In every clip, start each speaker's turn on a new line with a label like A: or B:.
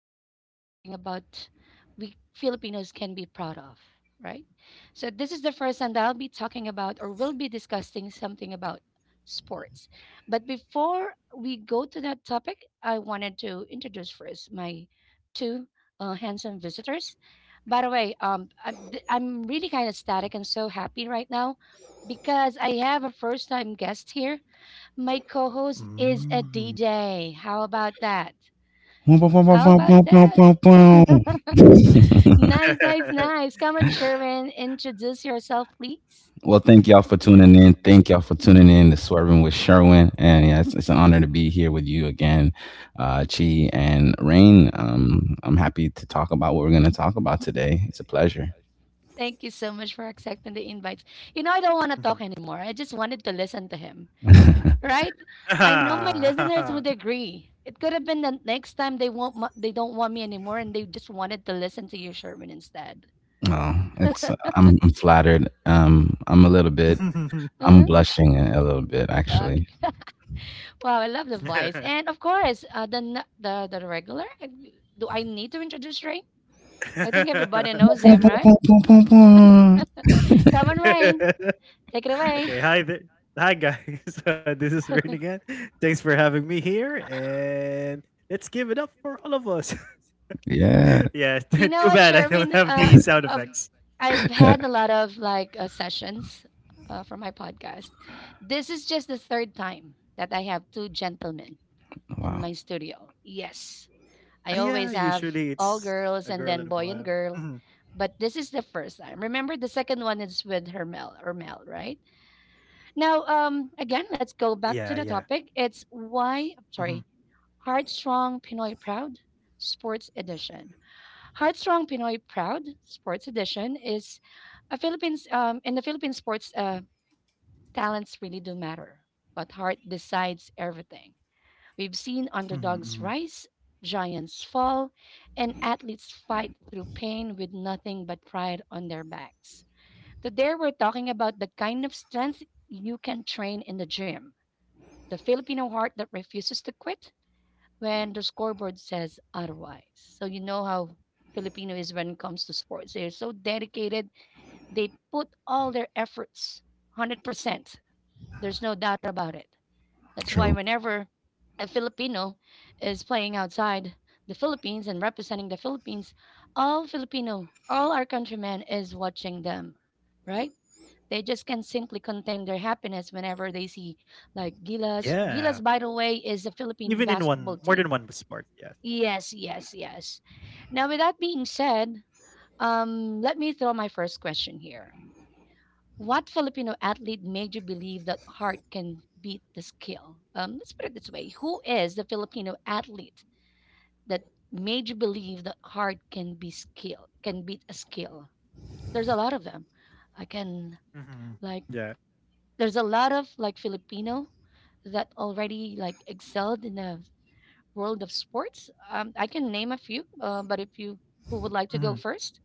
A: be discussing something about we Filipinos can be proud of, right? So this is the first time that I'll be talking about or will be discussing something about sports. But before we go to that topic, I wanted to introduce first my two handsome visitors. By the way, I'm really kind of static and so happy right now because I have a first time guest here. My co host is a
B: Mm.
A: DJ. How about that? How
C: well,
A: about that? Nice, nice, nice. Come on, Sherman. Introduce yourself, please.
C: Thank y'all for tuning in. Thank y'all for tuning in to Swerving with Sherwin. And yeah, it's an honor to be here with you again, Chi and Rain. I'm happy to talk about what we're going to talk about today. It's a pleasure.
A: Thank you so much for accepting the invites. You know, I don't want to talk
B: Mhm.
A: anymore. I just wanted to listen to him,
C: oh,
A: right? I know my listeners would agree. It could have been the next time they won't, they don't want me anymore, and they just wanted to listen to you, Sherman, instead.
C: it's I'm flattered. I'm a little bit. I'm
A: Uh-huh.
C: blushing a little bit actually.
A: Wow, I love the voice. And of course, the n- the regular. Do I need to introduce Rain? I think everybody knows him, right? Come on, Rain, take it away.
B: Okay, hi there. Hi guys. This is Rain again. Thanks for having me here, and let's give it up for all of us.
C: Yeah.
B: Yeah,
A: You know
B: too
A: what,
B: bad I don't
A: Sherwin?
B: have the sound
A: Of
B: effects.
A: I've had a lot of like sessions for my podcast. This is just the third time that I have two gentlemen in
C: Wow.
A: my studio. Yes, I
B: Yeah,
A: always have
B: usually
A: all
B: it's
A: girls
B: a
A: and
B: girl
A: then
B: and a
A: boy and
B: boy.
A: girl,
B: Mhm.
A: but this is the first time. Remember, the second one is with Hermel or Mel, right? Now, again, let's go back
B: Yeah,
A: to the
B: yeah.
A: topic.
B: Mhm.
A: Heartstrong Pinoy Proud Sports Edition. Heartstrong Pinoy Proud Sports Edition is a Philippines in the Philippine sports talents really do matter, but heart decides everything. We've seen
B: Mhm. Mhm.
A: underdogs rise, giants fall, and athletes fight through pain with nothing but pride on their backs. Today we're talking about the kind of strength you can train in the gym, the Filipino heart that refuses to quit when the scoreboard says otherwise. So you know how Filipino is when it comes to sports. They're so dedicated. They put all their efforts 100%. There's no doubt about it. That's why
C: True.
A: whenever a Filipino is playing outside the Philippines and representing the Philippines, all Filipino, all our countrymen is watching them, right? They just can simply contain their happiness whenever they see like Gilas.
B: Yeah.
A: Gilas, by the way, is a Philippine
B: Even in one
A: basketball
B: more than
A: team.
B: one sport, yes.
A: Yes, yes, yes. Now, with that being said, let me throw my first question here. What Filipino athlete made you believe that heart can beat the skill? Let's put it this way: who is the Filipino athlete that made you believe that heart can be skill, can beat a skill? There's a lot of them. I can
B: Mhm.
A: like
B: Yeah.
A: There's a lot of like Filipino that already like excelled in the world of sports. I can name a few, but if you who would like to go
B: Mhm.
A: first,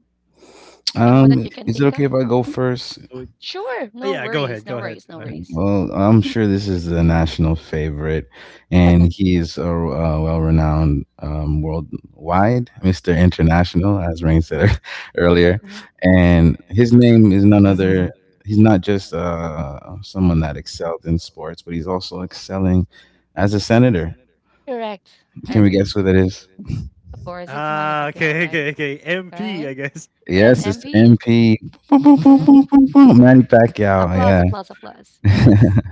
A: anyone that you can
C: Is it
A: think of?
C: okay if I go first?
A: Sure, no
B: Oh, yeah,
A: worries,
B: go
A: no
B: ahead, go
A: worries, no
B: ahead, go ahead.
A: worries.
C: Well, I'm sure this is the national favorite, and he's a well-renowned worldwide Mr. International, as Rain
A: Hmm.
C: said earlier.
A: Hmm.
C: And his name is none other. He's not just someone that excelled in sports, but he's also excelling as a senator.
A: Correct, I
C: Can we
A: agree.
C: guess who
A: What
C: that is?
A: it Of course, it's Manny Pacquiao,
B: Ah,
A: right?
B: okay, okay, okay.
A: Right?
B: MP, I guess.
A: As
C: Yes, it's
A: MP.
C: MP, boom, boom, boom, boom,
A: Uh-huh.
C: boom, boom, Manny Pacquiao.
A: Applause,
C: Yeah.
A: applause, applause. Yes.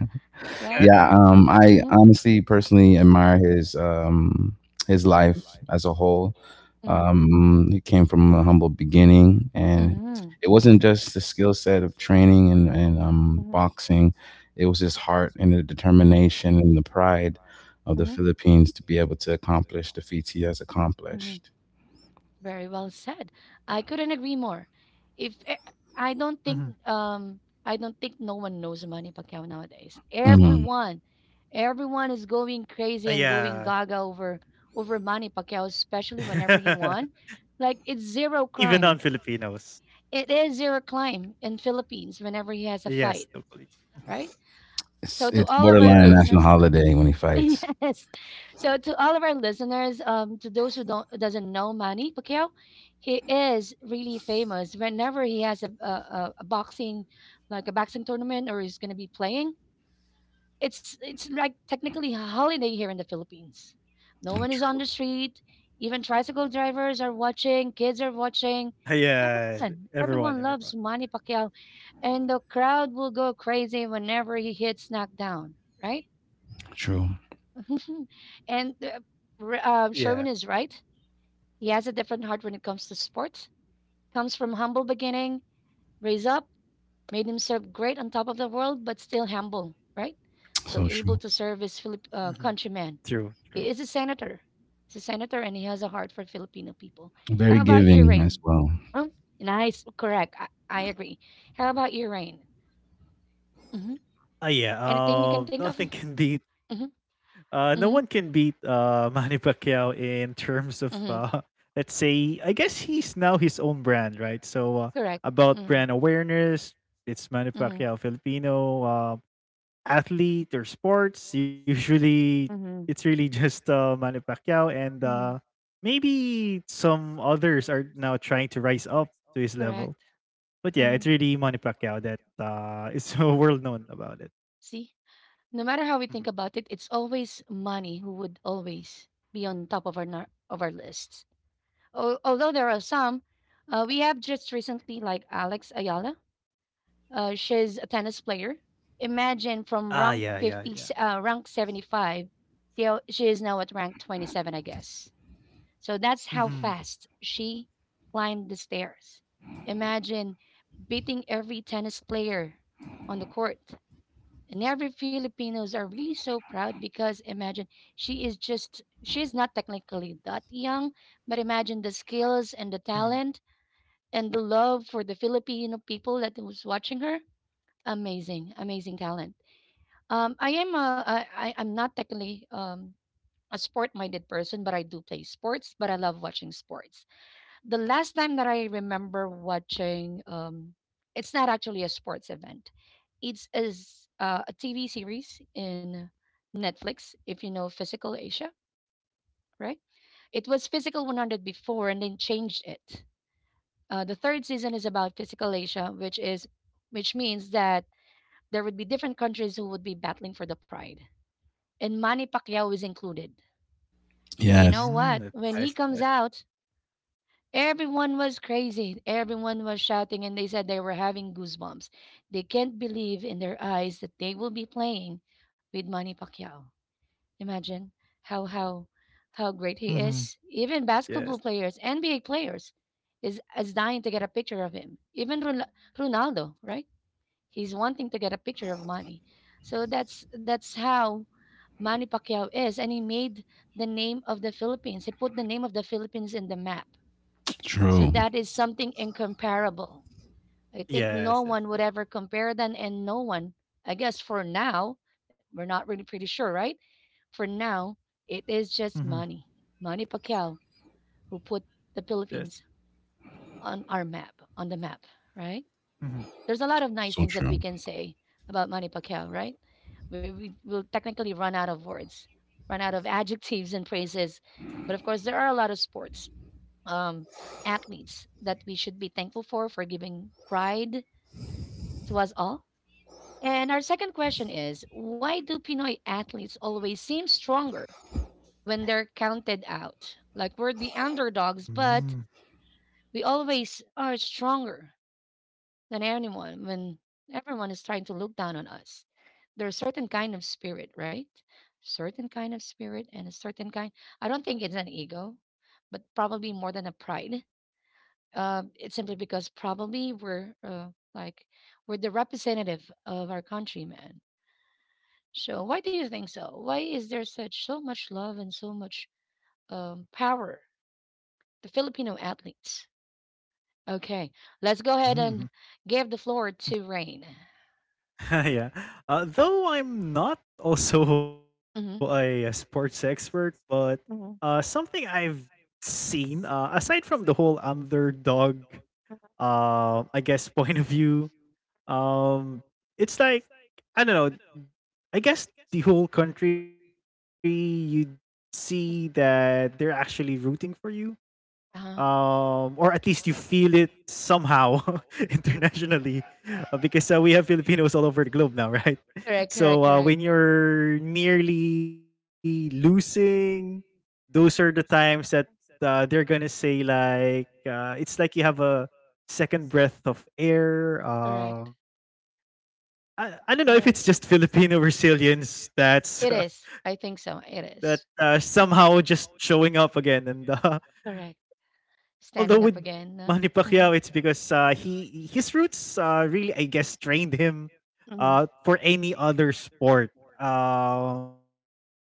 A: Right?
C: Yeah, I
A: Mm-hmm.
C: honestly personally admire his his life as a whole.
A: Mm-hmm.
C: He came from a humble beginning, and
A: Mm-hmm.
C: it wasn't just the skill set of training and
A: Mm-hmm.
C: boxing. It was his heart and the determination and the pride of the
A: Mm-hmm.
C: Philippines to be able to accomplish the feats he has accomplished.
A: Very well said. I couldn't agree more. If e- I don't think
B: Ah, mhm,
A: um I don't think no one knows Manny Pacquiao nowadays.
C: Mhm.
A: Everyone, everyone is going crazy and
B: yeah.
A: going gaga over Manny Pacquiao, especially whenever he won. Like it's zero
B: Even
A: crime.
B: non-Filipinos.
A: It is zero crime in Philippines whenever he has a fight,
B: Yes, totally.
A: right? So
C: It's,
A: to
C: it's
A: all of our
C: borderline national
A: listeners,
B: Yes, that's
C: holiday
B: true.
C: when he fights.
A: yes. So to all of our listeners, to those who don't doesn't know Manny Pacquiao, he is really famous. Whenever he has a boxing, like a boxing tournament, or he's going to be playing, it's like technically a holiday here in the Philippines. No one is on
C: True,
A: the street. Even tricycle drivers are watching. Kids are watching.
B: Ah, yeah,
A: Everyone,
B: everyone,
A: everyone loves
B: everyone.
A: Manny Pacquiao, and the crowd will go crazy whenever he hits knockdown. Right?
C: true,
A: And uh, Sherman
B: Yeah,
A: is right. He has a different heart when it comes to sports. Comes from humble beginning, raised up, made himself great on top of the world, but still humble, right? So
C: so
A: able
C: true.
A: to serve his
B: mhm,
A: countrymen.
B: true, true.
A: He is a senator. He's a senator, and he has a heart for Filipino people.
C: Very
A: How about you,
C: giving as
A: Rain?
C: well.
A: Huh? Nice, correct. I agree. How about you, Rain? Hmm.
B: Ah, yeah.
A: Anything you can think of?
B: Nothing can be
A: Hmm.
B: No
A: Hmm.
B: one can beat Manny Pacquiao in terms of,
A: Hmm.
B: let's say, I guess he's now his own brand, right?
A: Correct.
B: About
A: Mm.
B: brand awareness, it's Manny
A: Mhm.
B: Pacquiao, Filipino athlete or sports. Usually, it's
A: Mhm.
B: really just Manny Pacquiao, and
A: Mhm.
B: maybe some others are now trying to rise up to his level.
A: Correct.
B: But yeah, it's
A: Mhm.
B: really Manny Pacquiao that is so world known about it.
A: See, no matter how we think about
B: Mhm.
A: it, it's always money who would always be on top of our lists. Although there are some, we have just recently like Alex Ayala. She's a tennis player. Imagine from
B: Ah,
A: rank
B: yeah, yeah,
A: 50,
B: yeah.
A: rank 75, she is now at rank 27, I guess. So that's how
B: Mhm.
A: fast she climbed the stairs. Imagine beating every tennis player on the court. And every Filipinos are really so proud because imagine she is just she's not technically that young, but imagine the skills and the talent
B: Mhm.
A: and the love for the Filipino people that was watching her. Amazing, amazing talent. I am a, I I'm not technically a sport minded person, but I do play sports, but I love watching sports. The last time that I remember watching, it's not actually a sports event. It's a TV series in Netflix, if you know Physical Asia, right? It was Physical 100 before and then changed it. The third season is about Physical Asia, which is which means that there would be different countries who would be battling for the pride. And Manny Pacquiao is included. And do you know
C: Yes,
A: what?
B: Mm,
A: When
B: that's
A: he comes
B: nice, yes.
A: out, everyone was crazy. Everyone was shouting, and they said they were having goosebumps. They can't believe in their eyes that they will be playing with Manny Pacquiao. Imagine how how how great he is.
B: Mhm.
A: Even basketball
B: Yes.
A: players, NBA players, is dying to get a picture of him. Even Ronaldo, right? He's wanting to get a picture of Manny. So that's how Manny Pacquiao is, and he made the name of the Philippines. He put the name of the Philippines in the map, so
C: true.
A: that is something incomparable. I think no
B: Yes,
A: one
B: yes,
A: would
B: yeah.
A: ever compare them, and no one, I guess for now, we're not really pretty sure, right? For now, it is just
B: Mhm.
A: money. Manny Pacquiao who put the Philippines
B: Yes.
A: on the map, right?
B: Mhm.
A: There's a lot of nice
C: So
A: things that we
C: true.
A: can say about Manny Pacquiao, right? We will technically run out of words, run out of adjectives and phrases, but of course, there are a lot of sports um, athletes that we should be thankful for giving pride to us all. And our second question is, why do Pinoy athletes always seem stronger when they're counted out? Like we're the underdogs,
B: Mm,
A: but we always are stronger than anyone when everyone is trying to look down on us. There's certain kind of spirit, right? Certain kind of spirit and a certain kind. I don't think it's an ego, but probably more than a pride. It's simply because probably we're like we're the representative of our countrymen. So why do you think so? Why is there such so much love and so much power the Filipino athletes? Okay, let's go ahead and
B: mhm.
A: give the floor to Rain.
B: Yeah. Though I'm not also a
A: Hmm.
B: sports expert, but, something I've seen, aside from the whole underdog, I guess, point of view, um, it's like, I don't know, I guess the whole country, you see that they're actually rooting for you.
A: Uh-huh.
B: Or at least you feel it somehow internationally, because we have Filipinos all over the globe now, right?
A: Correct, correct,
B: When
A: correct,
B: you're nearly losing, those are the times that they're gonna say like it's like you have a second breath of air. Uh,
A: correct. I
B: I I don't know if
A: Right.
B: it's just
A: don't
B: Filipino resilience
A: It
B: that's
A: is. I
B: that
A: think so. It is.
B: somehow just
A: Mhm.
B: showing up again. And
A: Correct.
B: although with
A: Standing up
B: Manny
A: again.
B: Pacquiao, it's
A: Mhm.
B: because he his roots really, I guess, trained him
A: Mhm.
B: for any other sport. Um,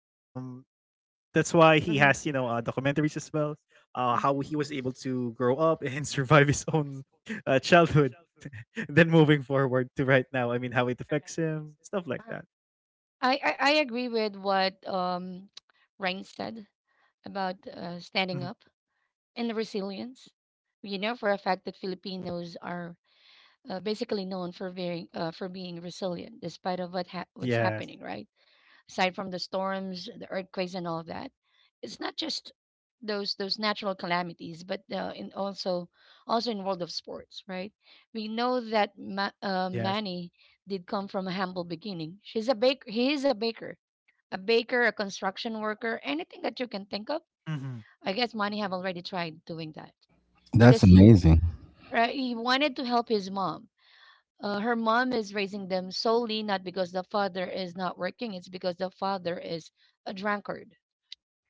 B: that's why he has, you know, documentaries
A: Mhm.
B: as well. How he was
A: Mm.
B: able to grow up and survive his own childhood, and then moving forward to right now. I mean, how it affects him, stuff like
A: Uh,
B: that.
A: I I agree with what Rain said about
B: Mhm.
A: standing up and the resilience. You know for a fact that Filipinos are basically known for being resilient despite of what's
B: Yes,
A: happening, right? Aside from the storms, the earthquakes, and all of that, it's not just those natural calamities, but in also also in world of sports, right? We know that
B: yes,
A: Manny did come from a humble beginning. She's a baker. He is a baker, a baker, a construction worker, anything that you can think of.
B: hmm
A: I guess Manny have already tried doing that
C: That's
A: because
C: amazing.
A: right, he wanted to help his mom. Her mom is raising them solely not because the father is not working, it's because the father is a drunkard.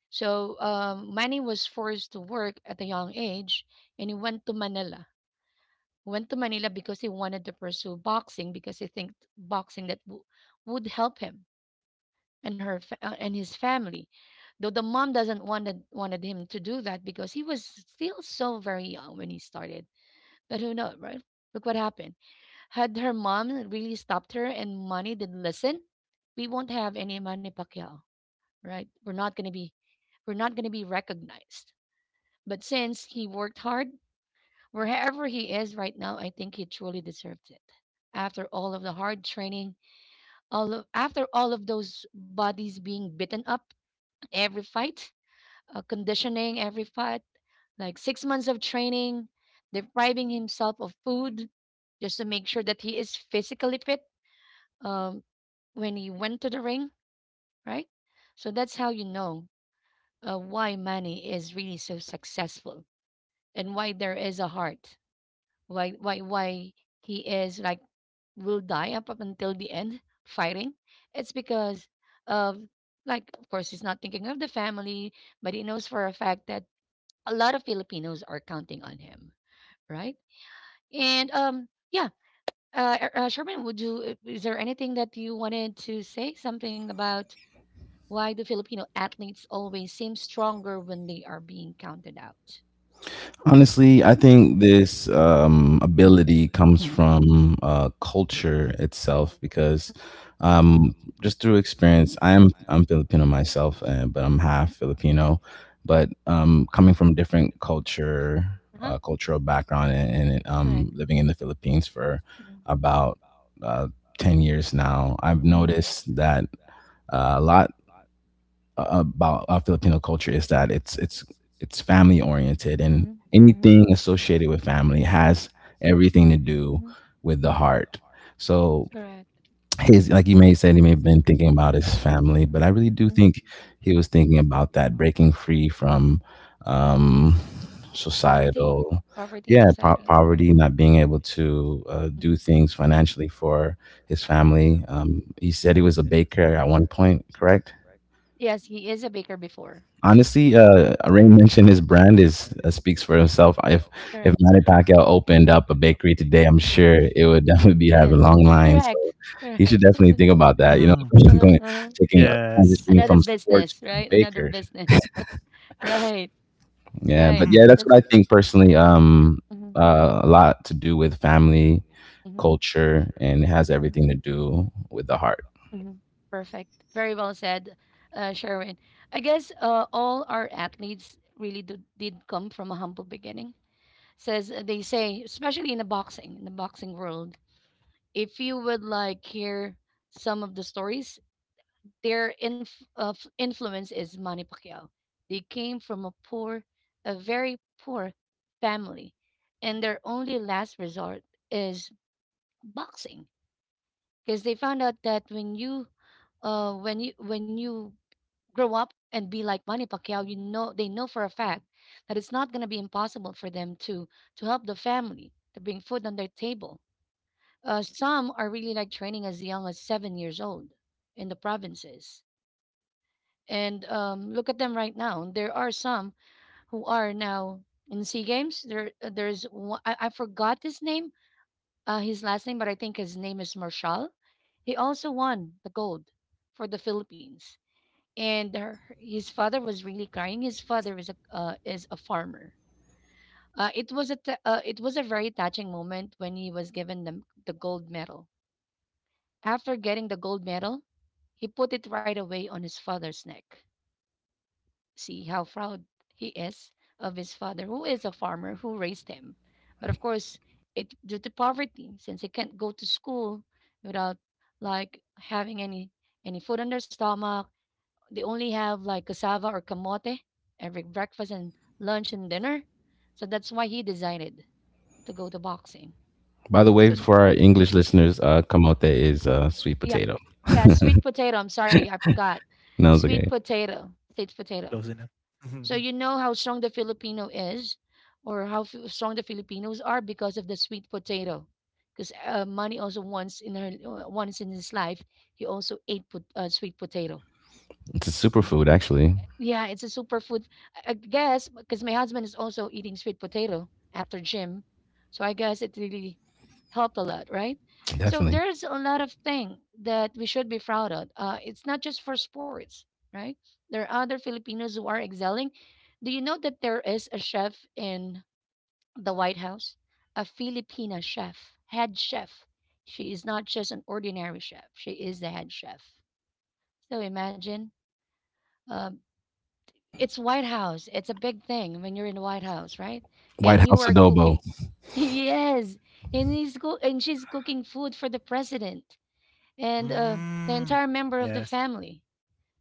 A: So manny was forced to work at a young age, and he went to manila. Went to manila because he wanted to pursue boxing because he think boxing that w- would help him and and his family, though the mom doesn't wanted him to do that because he was still so very young when he started. But who knows, right? Look what happened. Had her mom really stopped her and Manny didn't listen, we won't have any Manny Pacquiao, right? We're not gonna be— we're not gonna be recognized. But since he worked hard, wherever he is right now, I think he truly deserved it. After all of the hard training, after all of those bodies being beaten up every fight, conditioning every fight, like 6 months of training, depriving himself of food just to make sure that he is physically fit um, when he went to the ring, right? So that's how you know why Manny is really so successful and why there is a heart, why he is like will die up, up until the end fighting. It's because of— like of course he's not thinking of the family, but he knows for a fact that a lot of Filipinos are counting on him, right? And um yeah, Sherman, would you— is there anything that you wanted to say something about why do Filipino athletes always seem stronger when they are being counted out?
C: Honestly, I think this ability comes from culture itself because um, just through experience, I'm Filipino myself, but I'm half Filipino. But coming from different culture,
A: Uh-huh.
C: cultural background, and living in the Philippines for
A: Mm,
C: about uh, 10 years now, I've
A: mhm,
C: noticed that. A lot about our Filipino culture is that it's family
A: mhm,
C: oriented, and
A: oriented,
C: anything
A: mhm,
C: associated with family has everything to do
A: mhm.
C: with the heart. So his, like you may said, he may have been thinking about his family, but I really do think
A: Mhm.
C: he was thinking about that breaking free from um, societal,
A: Poverty in, yeah,
C: yeah,
A: society. Okay.
C: poverty, not being able to
A: Uh,
C: do
A: mhm.
C: things financially for his family. He said he was a baker at one point, correct?
A: Yes, he is a baker before.
C: Honestly, Rain mentioned his brand is speaks for itself. If
A: Correct.
C: Manny Pacquiao opened up a bakery today, I'm sure
A: It
C: it would definitely
A: is.
C: be
A: Yeah, it would.
C: having long lines. So
A: Correct.
C: he should
A: Correct.
C: definitely think about that. You know,
B: hmm
A: uh-huh,
C: going
A: uh-huh.
C: taking
B: yes,
C: transitioning
A: Another
C: from
B: yes.
C: sports
A: business,
C: to
A: right? Another
C: baker.
A: business.
B: Mhm.
A: right.
C: Yeah, but
A: Right.
C: yeah, that's what
A: That's—
C: I think personally.
A: uh, mm-hmm,
C: A lot to do with family,
A: mm-hmm,
C: culture, and it has
A: mm-hmm.
C: everything to do with the heart.
A: Do. Hmm. Perfect. Very well said, Sherwin. I guess all our athletes really did come from a humble beginning. Says they say, especially in the boxing world, if you would like hear some of the stories, influence is Manny Pacquiao. They came from a poor, a very poor family, and their only last resort is boxing, because they found out that when you, when you grow up and be like Manny Pacquiao, you know they know for a fact that it's not going to be impossible for them to help the family, to bring food on their table. Some are really like training as young as 7 years old in the provinces. And look at them right now. There are some who are now in Sea Games. There's one, I forgot his name, his last name, but I think his name is Marshall. He also won the gold for the Philippines. And his father was really crying. His father is a farmer. It was a very touching moment when he was given the gold medal. After getting the gold medal, he put it right away on his father's neck. See how proud he is of his father, who is a farmer who raised him. But of course, it due to poverty, since he can't go to school without like having any food on their stomach. They only have like cassava or kamote every breakfast and lunch and dinner. So that's why he decided to go to boxing.
C: By the
A: So—
C: way, for our English listeners,
A: mm.
C: kamote
A: Mm.
C: is sweet
A: Yep.
C: potato.
A: Yeah, sweet potato. I'm sorry, I forgot.
C: No, it's
A: Sweet
C: okay.
A: potato, sweet
B: Close enough,
A: potato.
B: close enough.
A: So you know how strong the Filipino is, or strong the Filipinos are because of the sweet potato. Because money also once in her— once in his life, he also ate put, sweet potato.
C: It's a superfood, actually.
A: Yeah, it's a superfood. I guess because my husband is also eating sweet potato after gym, so I guess it really helped a lot, right? So
C: Definitely.
A: there's a lot of thing that we should be proud of. It's not just for sports, right? There are other Filipinos who are excelling. Do you know that there is a chef in the White House, a Filipina chef, head chef? She is not just an ordinary chef; she is the head chef. So imagine. Um, it's White House. It's a big thing when you're in the White House, right?
C: White
A: And you
C: House
A: are
C: adobo.
A: cooking. Yes, and he's go and she's cooking food for the president and the
B: Mm.
A: entire member of the
B: Yes.
A: family.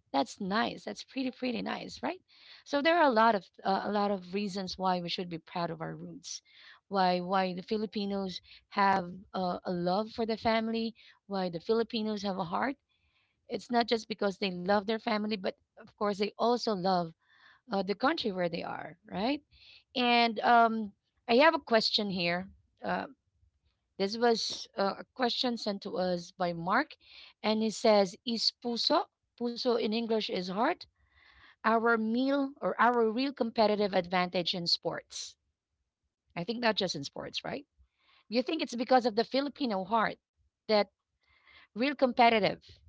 A: That's nice. That's pretty pretty nice, right? So there are a lot of reasons why we should be proud of our roots, why the Filipinos have a love for the family, why the Filipinos have a heart. It's not just because they love their family, but of course they also love the country where they are, right? And I have a question here. Uh, this was a question sent to us by Mark, and he says, "Is puso— puso in English is heart— our meal or our real competitive advantage in sports? I think not just in sports, right? You think it's because of the Filipino heart that real competitive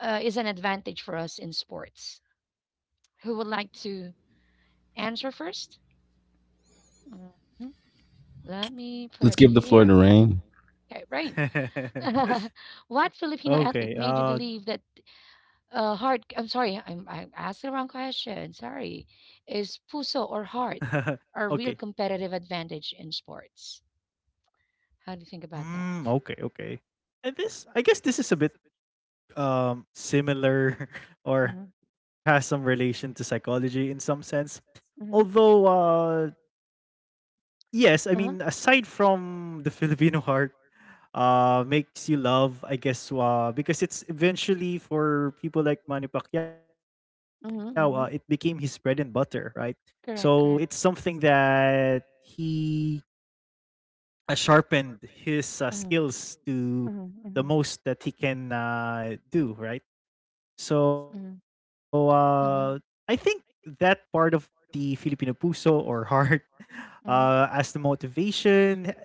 A: is an advantage for us in sports? Who would like to answer first? Mhm. Let me put
C: Let's
A: it
C: give the floor
A: here.
C: to Rain.
A: Okay, rain. what Filipino athlete
B: Okay.
A: made you believe that heart? I'm sorry, I'm asking the wrong question. Sorry. Is puso or
B: Okay.
A: heart a real competitive advantage in sports? How do you
B: Mm,
A: think about
B: okay. Okay.
A: that?
B: And this, I guess, this is a bit similar or has some
A: Mm-hmm.
B: relation to psychology in some sense. Although,
A: Mm-hmm.
B: yes, I mean, aside
A: Uh-huh.
B: from the Filipino heart, makes you love, I guess, because it's eventually for people like Manny Pacquiao, it became his bread and
A: Mm-hmm. Mm-hmm.
B: butter, right? So it's
A: Correct,
B: something
A: correct.
B: that he sharpened his
A: Mm-hmm.
B: skills to
A: Mm-hmm.
B: the
A: Mm-hmm.
B: most that he can do, right? So uh, I think
A: Mm-hmm.
B: that part of the Filipino puso or heart as the
A: Mhm.
B: motivation,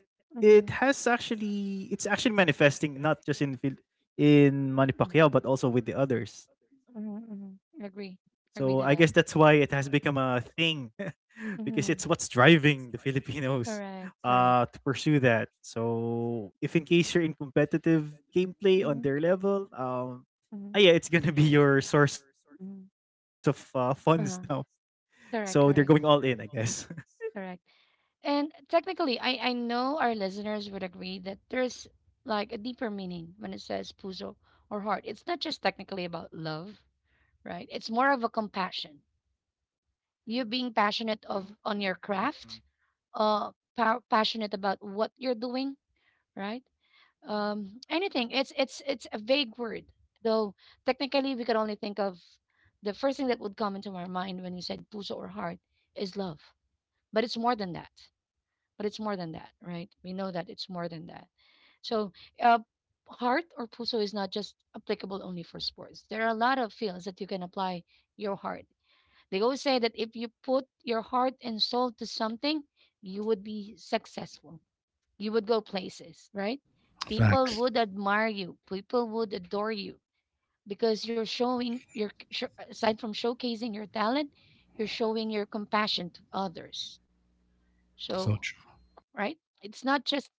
B: it has
A: Mhm.
B: actually it's actually manifesting not just in in Manny
A: Mm.
B: Pacquiao but also with the others.
A: Mhm.
B: So I
A: Mhm.
B: guess
A: Agree.
B: that's why it
A: Agree
B: has
A: to that.
B: become a
A: So
B: thing because it's what's
A: mm-hmm.
B: driving the Filipinos
A: Correct.
B: to
A: Correct.
B: pursue that. So if in case you're in competitive gameplay on their
A: Mm-hmm.
B: level,
A: Mm-hmm.
B: ah, yeah, it's gonna be your source of
A: Mm-hmm.
B: funds. now.
A: Mm-hmm. Uh-huh.
B: So they're going all in,
A: Correct.
B: I
A: Correct.
B: guess.
A: Correct. And technically, I know our listeners would agree that there's like a deeper meaning when it says puso or heart. It's not just technically about love, right? It's more of a compassion. You being passionate of on your craft,
B: Mhm.
A: uh, passionate about what you're doing, right? Anything. It's a vague word, though. Technically, we could only think of the first thing that would come into our mind when you said puso or heart is love, but it's more than that. But it's more than that, right? We know that it's more than that. So, uh, heart or puso is not just applicable only for sports. There are a lot of fields that you can apply your heart. They always say that if you put your heart and soul to something, you would be successful. You would go places, right? People
C: Facts.
A: would admire you. People would adore you because you're showing your aside from showcasing your talent, you're showing your compassion to others.
C: So
A: So,
C: true.
A: right? It's not just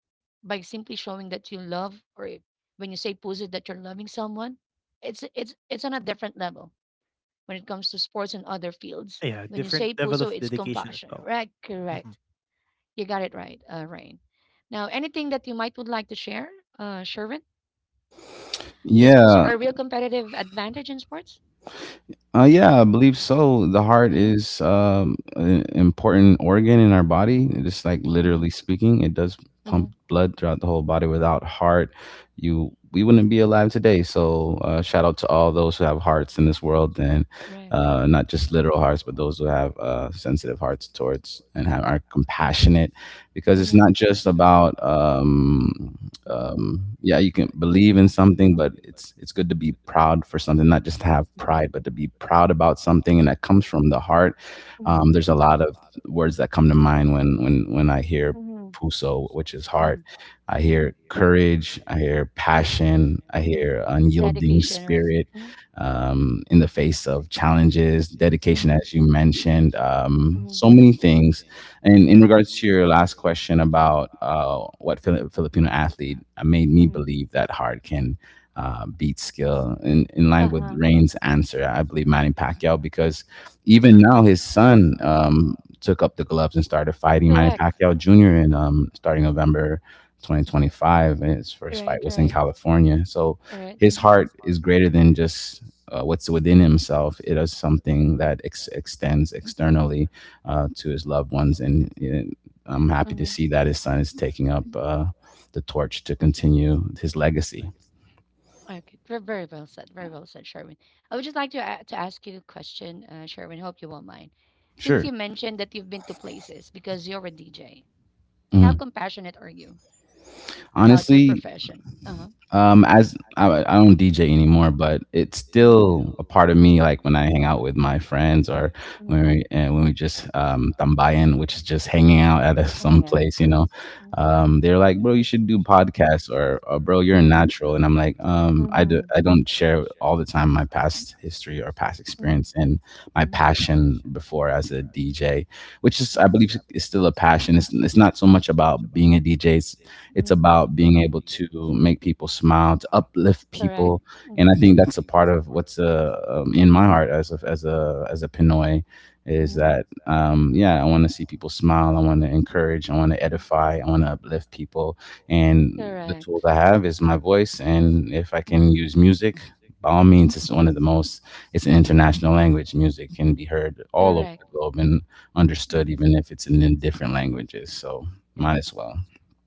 A: by simply showing that you love, or if, when you say Puzo that you're loving someone, it's on a different level when it comes to sports and other fields. When
B: Yeah,
A: you say
B: different
A: puso,
B: level
A: it's
B: of dedication
A: compassion.
B: as well.
A: Right, correct.
B: Mhm.
A: You got it right, Rain. Now, anything that you might would like to share, Sherwin? Is puso
C: Yeah.
A: a real competitive advantage in sports?
C: Yeah, I believe so. The heart
A: Mm-hmm.
C: is an important organ in our body. Just like
A: Mm-hmm.
C: literally speaking, it does
A: Mm-hmm.
C: pump blood throughout the whole body. Without heart, you we wouldn't be
A: Wouldn't
C: alive
A: be alive
C: today.
A: today. So
C: So shout out to
A: shout
C: all
A: out to
C: those who
A: all
C: have
A: those who have
C: hearts in this
A: hearts in this
C: world,
A: world,
C: and
A: and correct.
C: not
A: Uh,
C: just
A: not
C: literal
A: just
C: hearts,
A: literal
C: but
A: hearts,
C: those who
A: but mm-hmm.
C: have
A: those who have
C: sensitive hearts
A: sensitive hearts
C: towards and
A: towards.
C: have, are compassionate, because it's
A: Mm-hmm. Because
C: not
A: it's
C: just
A: not just
C: about.
A: about mm-hmm.
C: Yeah, you can believe in something, but it's good to be proud for something, not just to have pride, but to be proud about something, and that comes from the heart.
A: Mm-hmm.
C: There's a lot of words that come to mind when when I hear
A: Like, mm-hmm.
C: puso,
A: So
C: which is
A: with mm-hmm.
C: heart. I
A: his heart,
C: hear courage, I hear passion, I
A: mhm.
C: hear unyielding
A: Dedication, right?
C: spirit
A: Hmm in
C: in the face of challenges, dedication,
A: hmm you
C: as you mentioned,
A: hmm
C: so many things, and in
A: and
C: regards to your
A: hmm
C: last question about what Filipino athlete made me
A: hmm
C: believe that hard can beat skill, in
A: uh
C: line with
A: huh.
C: Rain's
A: I'm
C: answer, I believe Manny Pacquiao,
A: I
C: because even
A: hmm
C: now his son took up the gloves and started fighting Manny
A: correct.
C: Pacquiao Jr. in
A: Hmm.
C: starting November 2025. And his first fight
A: Right,
C: was in
A: right.
C: California. So
A: Right.
C: his
A: Mm-hmm.
C: heart is greater than just what's within himself. It is something that extends externally to his loved ones. And you I'm happy to
A: Mm-hmm.
C: see that his son is taking up the torch to continue his legacy.
A: Okay. Very, very well said. Very well said, Sherwin. I would just like to to ask you a question, Sherwin. Hope you won't mind. Since
C: Sure.
A: you mentioned that you've been to places because you're a DJ, how
C: Mm.
A: compassionate are you about I
C: Honestly,
A: profession? Uh-huh.
C: As I don't DJ anymore, but it's
A: Hmm.
C: still a part of me. Like when I hang out with my friends, or when we just tambayan, which is just hanging out at a, some place, you know, they're like, "Bro, you should do podcasts," or "Bro, you're a natural," and I'm like,
A: Mm-hmm.
C: I don't share all the time my past history or past experience and my
A: Mm-hmm.
C: passion before as a DJ, which is I believe is still a passion. It's not so much about being a DJ. It's
A: Mm-hmm.
C: about being able to make people smile, to uplift people, and I think
A: Mm-hmm.
C: that's a part of what's in my heart as a as a as a Pinoy is
A: Mm-hmm.
C: that yeah, I want to see people smile, I want to encourage, I want to edify, I want to uplift people, and the tools
A: Correct.
C: I have is my voice, and if I can
A: Mm-hmm.
C: use music, by all means, it's one of the most, it's an international language. Music can be heard all over
A: All
C: the globe and understood,
A: mm-hmm.
C: even if it's in different languages. So might as well.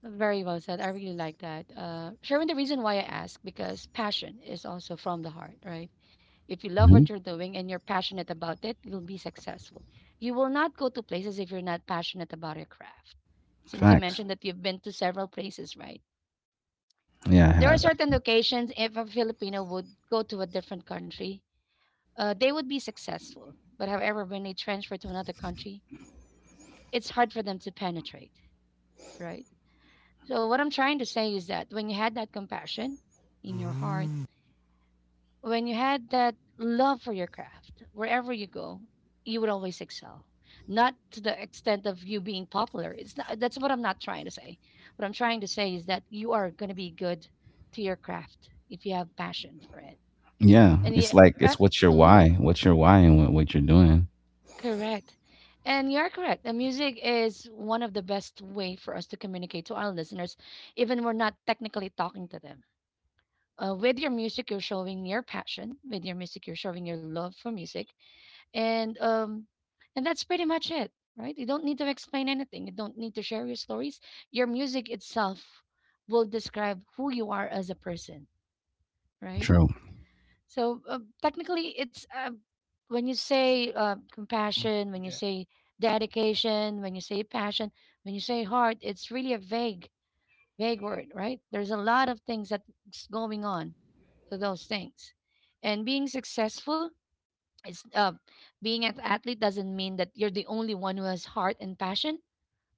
A: Very well said. I really like that. Sharon, the reason why I ask because passion is also from the heart, right? If you love
C: Mm-hmm.
A: what you're doing and you're passionate about it, you'll be successful. You will not go to places if you're not passionate about your craft. Since you
C: Facts.
A: mentioned that you've been to several places, right?
C: Yeah, I
A: There are
C: have
A: certain
C: actually.
A: occasions if a Filipino would go to a different country, they would be successful. But however, when they transfer to another country, it's hard for them to penetrate, right? So what I'm trying to say is that when you had that compassion in your heart,
B: Mm.
A: when you had that love for your craft, wherever you go, you would always excel. Not to the extent of you being popular. It's not— that's what I'm not trying to say. What I'm trying to say is that you are going to be good to your craft if you have passion for it.
C: Yeah,
A: And
C: it's like,
A: yeah,
C: it's what's your
A: hmm
C: why? What's your why and what you're doing?
A: correct. And you're correct. The music is one of the best way for us to communicate to our listeners, even we're not technically talking to them. With your music, you're showing your passion. With your music, you're showing your love for music, and and that's pretty much it, right? You don't need to explain anything. You don't need to share your stories. Your music itself will describe who you are as a person, right?
C: True.
A: So technically it's when you say
B: Mhm.
A: compassion, when you
B: Mhm, mhm.
A: say dedication, when you say passion, when you say heart, it's really a vague word, right? There's a lot of things that's going on to those things. And being successful is being an athlete doesn't mean that you're the only one who has heart and passion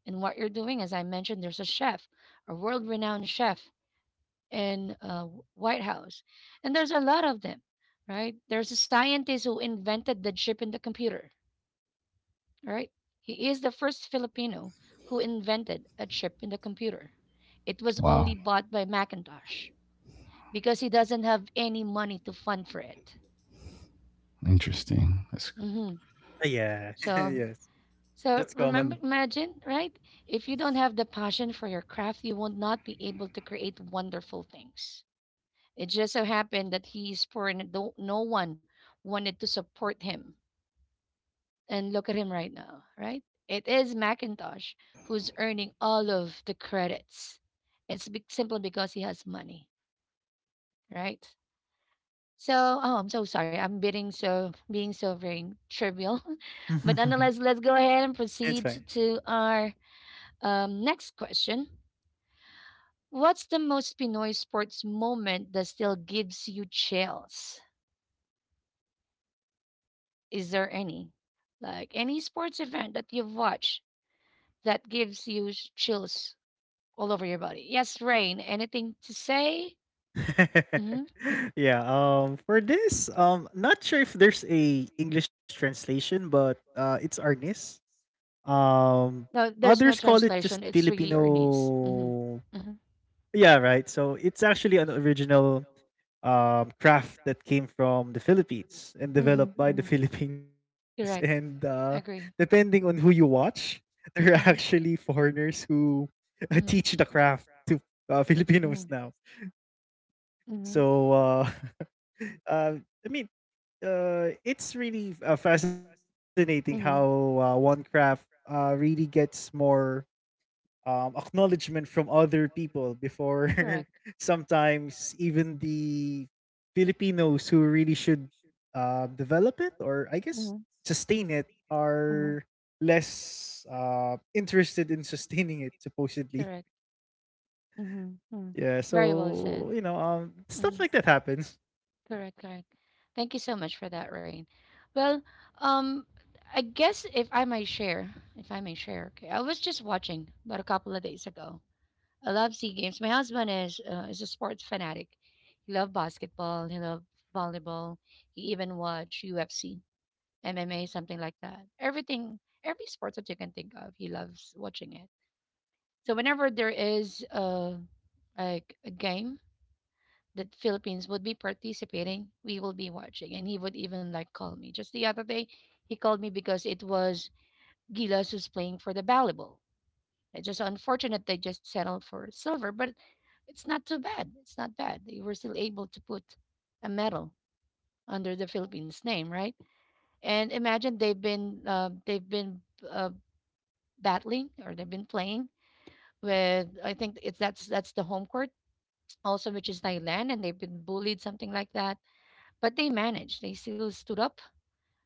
A: in what you're doing. As I mentioned, there's a chef, a world-renowned chef in White House, and there's a lot of them, right? There's a scientist who invented the chip in the computer, right? He is the first Filipino who invented a chip in the computer. It was
C: Wow.
A: only bought by Macintosh, because he doesn't have any money to fund for it.
C: Interesting. That's
A: Hmm.
B: Yeah.
A: So,
B: Yes. That's
A: so remember,
B: common.
A: imagine, right? If you don't have the passion for your craft, you will not be able to create wonderful things. It just so happened that he's poor and no one wanted to support him. And look at him right now, right? It is Macintosh who's earning all of the credits. It's simply because he has money, right? So, oh, I'm so sorry. I'm being so very trivial, but nonetheless, let's go ahead and
B: It's fine.
A: proceed to our next question. What's the most Pinoy sports moment that still gives you chills? Is there any, like any sports event that you've watched that gives you chills all over your body? Yes, Rain. Anything to say? Hmm.
B: Yeah. For this, not sure if there's a English translation, but it's Arnis. Um.
A: No, there's no
B: Others call it just
A: translation. It's really Ernest. Mm-hmm.
B: Filipino.
A: Mm-hmm.
B: Yeah. Right. So it's actually an original craft that came from the
A: Hmm.
B: Philippines and
A: Hmm.
B: developed by the Philippines.
A: Correct.
B: And
A: Agree.
B: depending on who you watch, there are
A: Hmm.
B: actually foreigners who
A: Hmm.
B: teach the craft to Filipinos
A: Hmm.
B: now.
A: Hmm.
B: So, uh, uh, I mean, it's really fascinating
A: Hmm.
B: how one craft really gets more acknowledgement from other people before
A: Correct.
B: sometimes even the Filipinos who really should develop it, or I guess sustain it,
A: Hmm.
B: are less interested in sustaining it supposedly.
A: Correct. Hmm. Hmm.
B: Yeah,
A: Very well said.
B: so you know, stuff
A: Hmm.
B: like that happens.
A: Correct, correct. Thank you so much for that, Rain. Well, um, I guess if I may share, if I may share, okay, I was just watching about a couple of days ago. I love Sea Games. My husband is a sports fanatic. He loved basketball. He loved volleyball. He even watched UFC, MMA, something like that. Everything, every sports that you can think of, he loves watching it. So whenever there is a like a game that Philippines would be participating, we will be watching, and he would even like call me. Just the other day, he called me because it was Gilas who's playing for the volleyball. It's just unfortunate they just settled for silver, but it's not too bad. It's not bad. They were still able to put a medal under the Philippines name, right? And imagine they've been uh, battling or they've been playing with, I think it's that's the home court also, which is Thailand, and they've been bullied something like that. But they managed. They still stood up,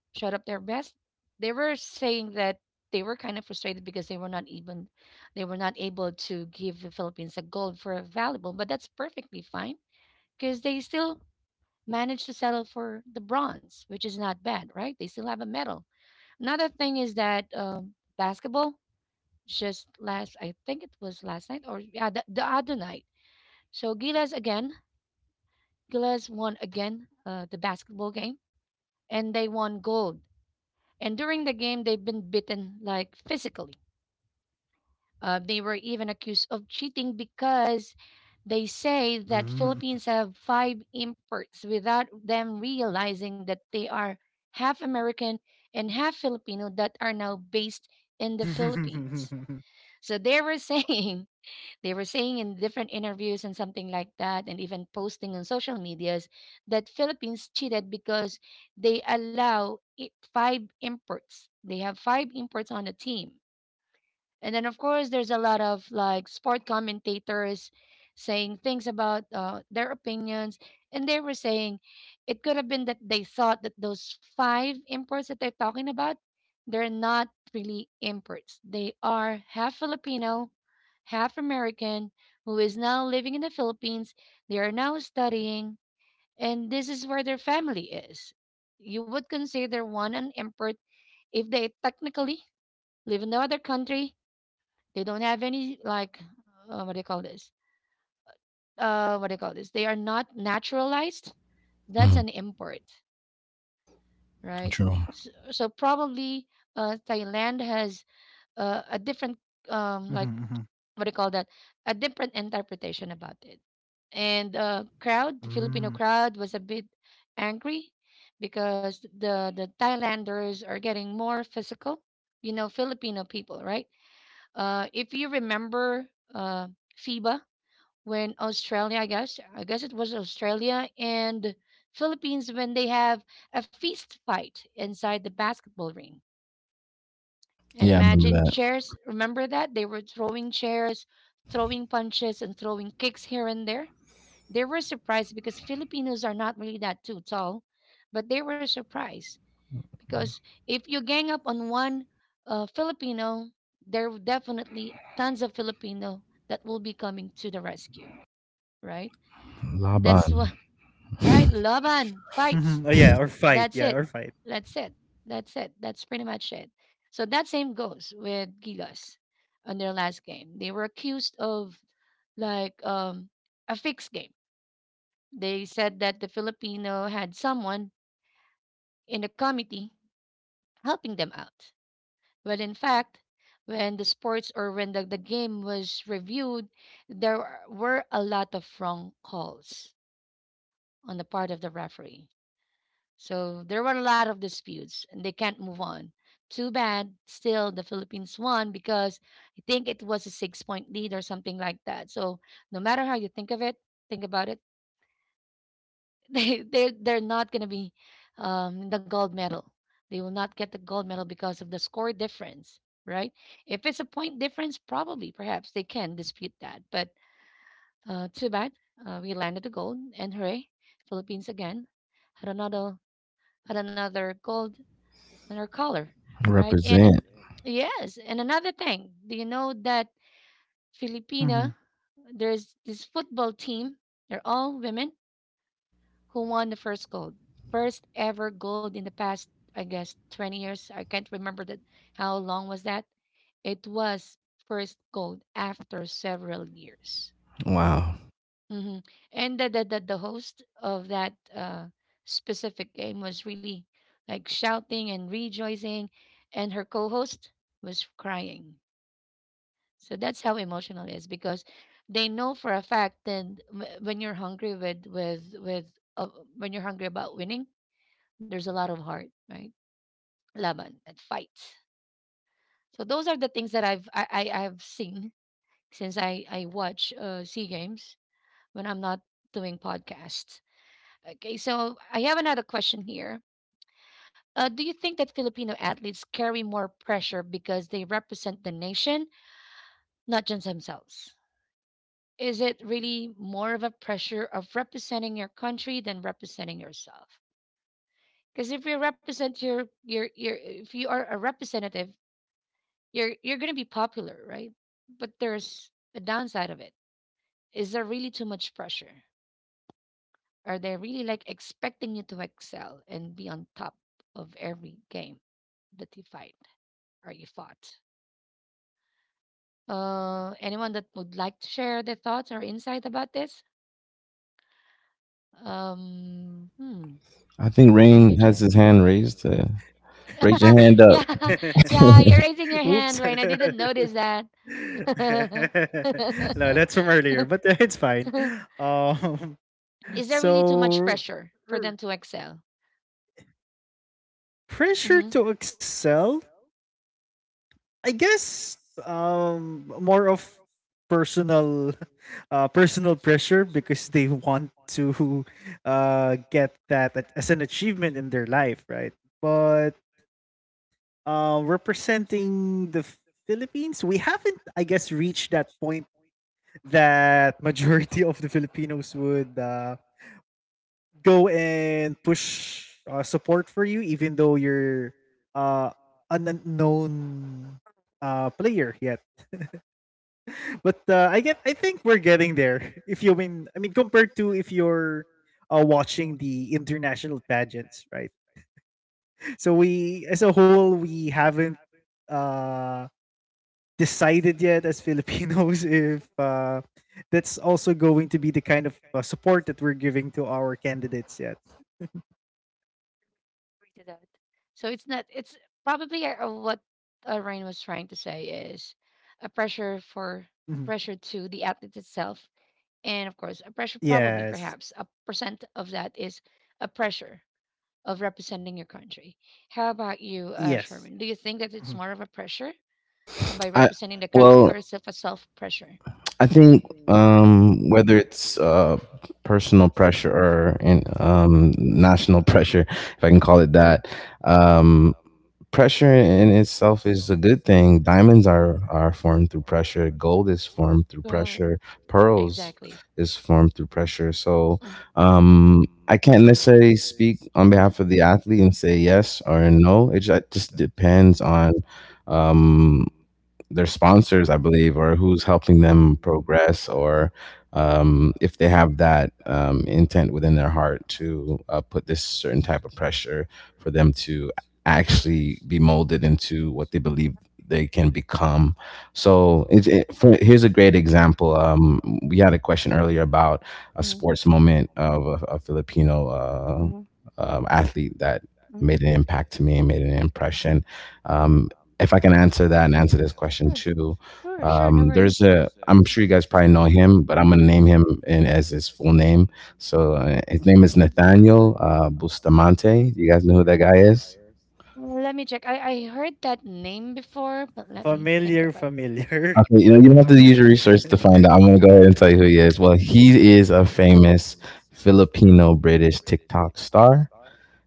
A: showed up their best. They were saying that they were kind of frustrated because they were not able to give the Philippines a gold for a valuable, but that's perfectly fine because they still managed to settle for the bronze, which is not bad, right? They still have a medal. Another thing is that basketball, just last, I think it was last night, or yeah, the other night. So Gilas again, Gilas won again the basketball game and they won gold. And during the game, they've been beaten like physically. They were even accused of cheating because they say that Philippines have
B: Mm.
A: five imports without them realizing that they are half American and half Filipino that are now based in the
B: Mhm,
A: Philippines. So they were saying, they were saying in different interviews and something like that, and even posting on social medias that Philippines cheated because they allow it five imports. They have five imports on the team. And then of course there's a lot of like sport commentators saying things about their opinions, and they were saying it could have been that they thought that those five imports that they're talking about, they're not really imports. They are half Filipino, half American, who is now living in the Philippines. They are now studying, and this is where their family is. You would consider one an import if they technically live in no other country. They don't have any, like, what do you call this? What do you call this? They are not naturalized. That's
C: mm,
A: an import, right?
C: true.
A: So, so probably Thailand has a different
B: mhm,
A: um like
B: mhm.
A: what do you call that, a different interpretation about it. And uh, crowd, the
B: Mm.
A: Filipino crowd was a bit angry because the Thailanders are getting more physical. You know Filipino people, right? If you remember, uh FIBA, when Australia, I guess it was Australia and Philippines, when they have a feast fight inside the basketball ring and
C: Yeah, I remember
A: imagine
C: that.
A: chairs. Remember that? They were throwing chairs, throwing punches, and throwing kicks here and there. They were surprised because Filipinos are not really that too tall, but they were surprised because if you gang up on one Filipino, there were definitely tons of Filipino that will be coming to the rescue, right? That's
C: Laban.
A: why, right? Laban,
B: Mhm, oh
A: fight.
B: yeah, or fight.
A: That's
B: Yeah,
A: it.
B: or fight.
A: That's it. That's it. That's pretty much it. So that same goes with Gilas on their last game. They were accused of like a fixed game. They said that the Filipino had someone in the committee helping them out. But in fact, when the sports, or when the game was reviewed, there were a lot of wrong calls on the part of the referee. So there were a lot of disputes and they can't move on. Too bad, still the Philippines won because I think it was a 6 point lead or something like that. So no matter how you think of it, think about it, they're not gonna be the gold medal. They will not get the gold medal because of the score difference, right? If it's a point difference, probably perhaps they can dispute that. But uh, too bad. We landed the gold and hooray, Philippines again had another, had another gold on our color, right? And an,
C: Represent.
A: yeah, yes, and another thing, do you know that Filipina,
B: Mhm.
A: there's this football team, they're all women, who won the first gold, first ever gold in the past, I guess, 20 years. I can't remember that, how long was that. It was first gold after several years.
C: Wow.
A: Mm-hmm. And the host of that specific game was really like shouting and rejoicing, and her co-host was crying. So that's how emotional it is because they know for a fact that when you're hungry with uh, when you're hungry about winning, there's a lot of heart, right? Laban and fight. So those are the things that I've seen since I watch Sea Games when I'm not doing podcasts. Okay, so I have another question here. Do you think that Filipino athletes carry more pressure because they represent the nation, not just themselves? Is it really more of a pressure of representing your country than representing yourself? Because if you represent your, your if you are a representative, you're gonna be popular, right? But there's a downside of it. Is there really too much pressure? Are they really like expecting you to excel and be on top of every game that you fight? Or you fought. Anyone that would like to share their thoughts or insight about this? Hmm,
C: I think
A: let me
C: Rain has
A: check.
C: his hand raised. Raise
A: Uh,
C: your hand
A: yeah,
C: up.
A: yeah, you're raising your
B: Oops.
A: hand, Rain. I didn't notice that.
B: No, that's from earlier, but it's fine. Um,
A: Is there really too much
B: so
A: pressure for them
B: r-
A: to excel? Hmm.
B: Pressure to excel, I guess. More of personal, personal pressure because they want to, get that as an achievement in their life, right? But representing the Philippines, we haven't, I guess, reached that point that majority of the Filipinos would go and push support for you, even though you're uh, an unknown player yet. But I think we're getting there. If you mean, I mean, compared to if you're watching the international pageants, right? So we, as a whole, we haven't uh, decided yet as Filipinos if that's also going to be the kind of support that we're giving to our candidates yet.
A: That. So it's not. It's probably what Rain was trying to say is a pressure for
B: Mhm.
A: a pressure to the athlete itself, and of course, a pressure probably
B: Yes.
A: perhaps a percent of that is a pressure of representing your country. How about you,
B: Yes.
A: Sherman? Do you think that it's
B: Mhm.
A: more of a pressure by
C: I
A: representing the country,
C: Well,
A: or is it a self pressure?
C: I think whether it's personal pressure or national pressure, if I can call it that, um, pressure in itself is a good thing. Diamonds are formed through pressure. Gold is formed through
A: Right.
C: pressure.
A: Pearls.
C: Pearls
A: Exactly.
C: is formed through pressure. So I can't necessarily speak on behalf of the athlete and say yes or no. It just depends on um, their sponsors, I believe, or who's helping them progress, or if they have that intent within their heart to put this certain type of pressure for them to actually be molded into what they believe they can become. So it's it, for, here's a great example. We had a question earlier about a
A: Mhm,
C: sports moment of a Filipino
A: mhm,
C: athlete that made
A: mhm,
C: an impact to me and made an impression.
A: mhm.
C: Um, if I can answer that and answer this question too,
A: Sure, sure, no.
C: there's a. I'm sure you guys probably know him, but I'm gonna name him as his full name. So his name is Nathaniel Bustamante. You guys know who that guy is?
A: Let me check. I heard that name before, but let me think.
B: Familiar, familiar.
C: Okay, you know you don't have to use your research to find out. I'm gonna go ahead and tell you who he is. Well, he is a famous Filipino British TikTok star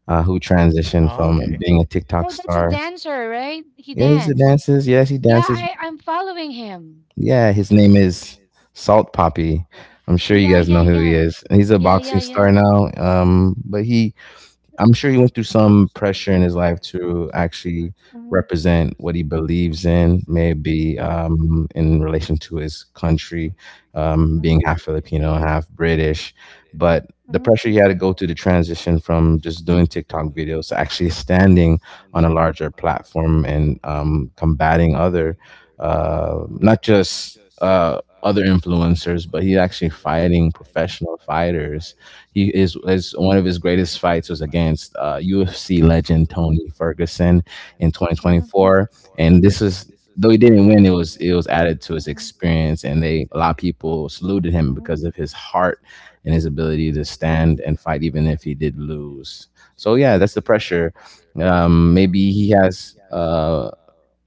C: who transitioned
B: Ah,
C: from
B: okay.
C: being a TikTok
A: Oh, that's a
C: star.
A: dancer, right? He
C: Yeah, he's a
A: danced.
C: dances. Yes, he
A: Yeah,
C: dances.
A: I, I'm following him.
C: Yeah, his name is Salt Poppy. I'm sure you guys know who he
A: Yeah,
C: is. He's a boxing star
A: star
C: now. But he I'm sure he went through some pressure in his life to actually represent what he believes in, maybe in relation to his country,
A: now.
C: being
A: Mhm,
C: half Filipino, half British. But the
A: mhm,
C: pressure he had to go through the transition from just doing TikTok videos to actually standing on a larger platform and combating other, not just other influencers, but he's actually fighting professional fighters. He is one of his greatest fights was against UFC legend Tony Ferguson in
A: mhm,
C: 2024, and this is, though he didn't win, it was added to his experience, and they a lot of people saluted him
A: mhm,
C: because of his heart and his ability to stand and fight, even if he did lose. So yeah, that's the pressure. Maybe he has.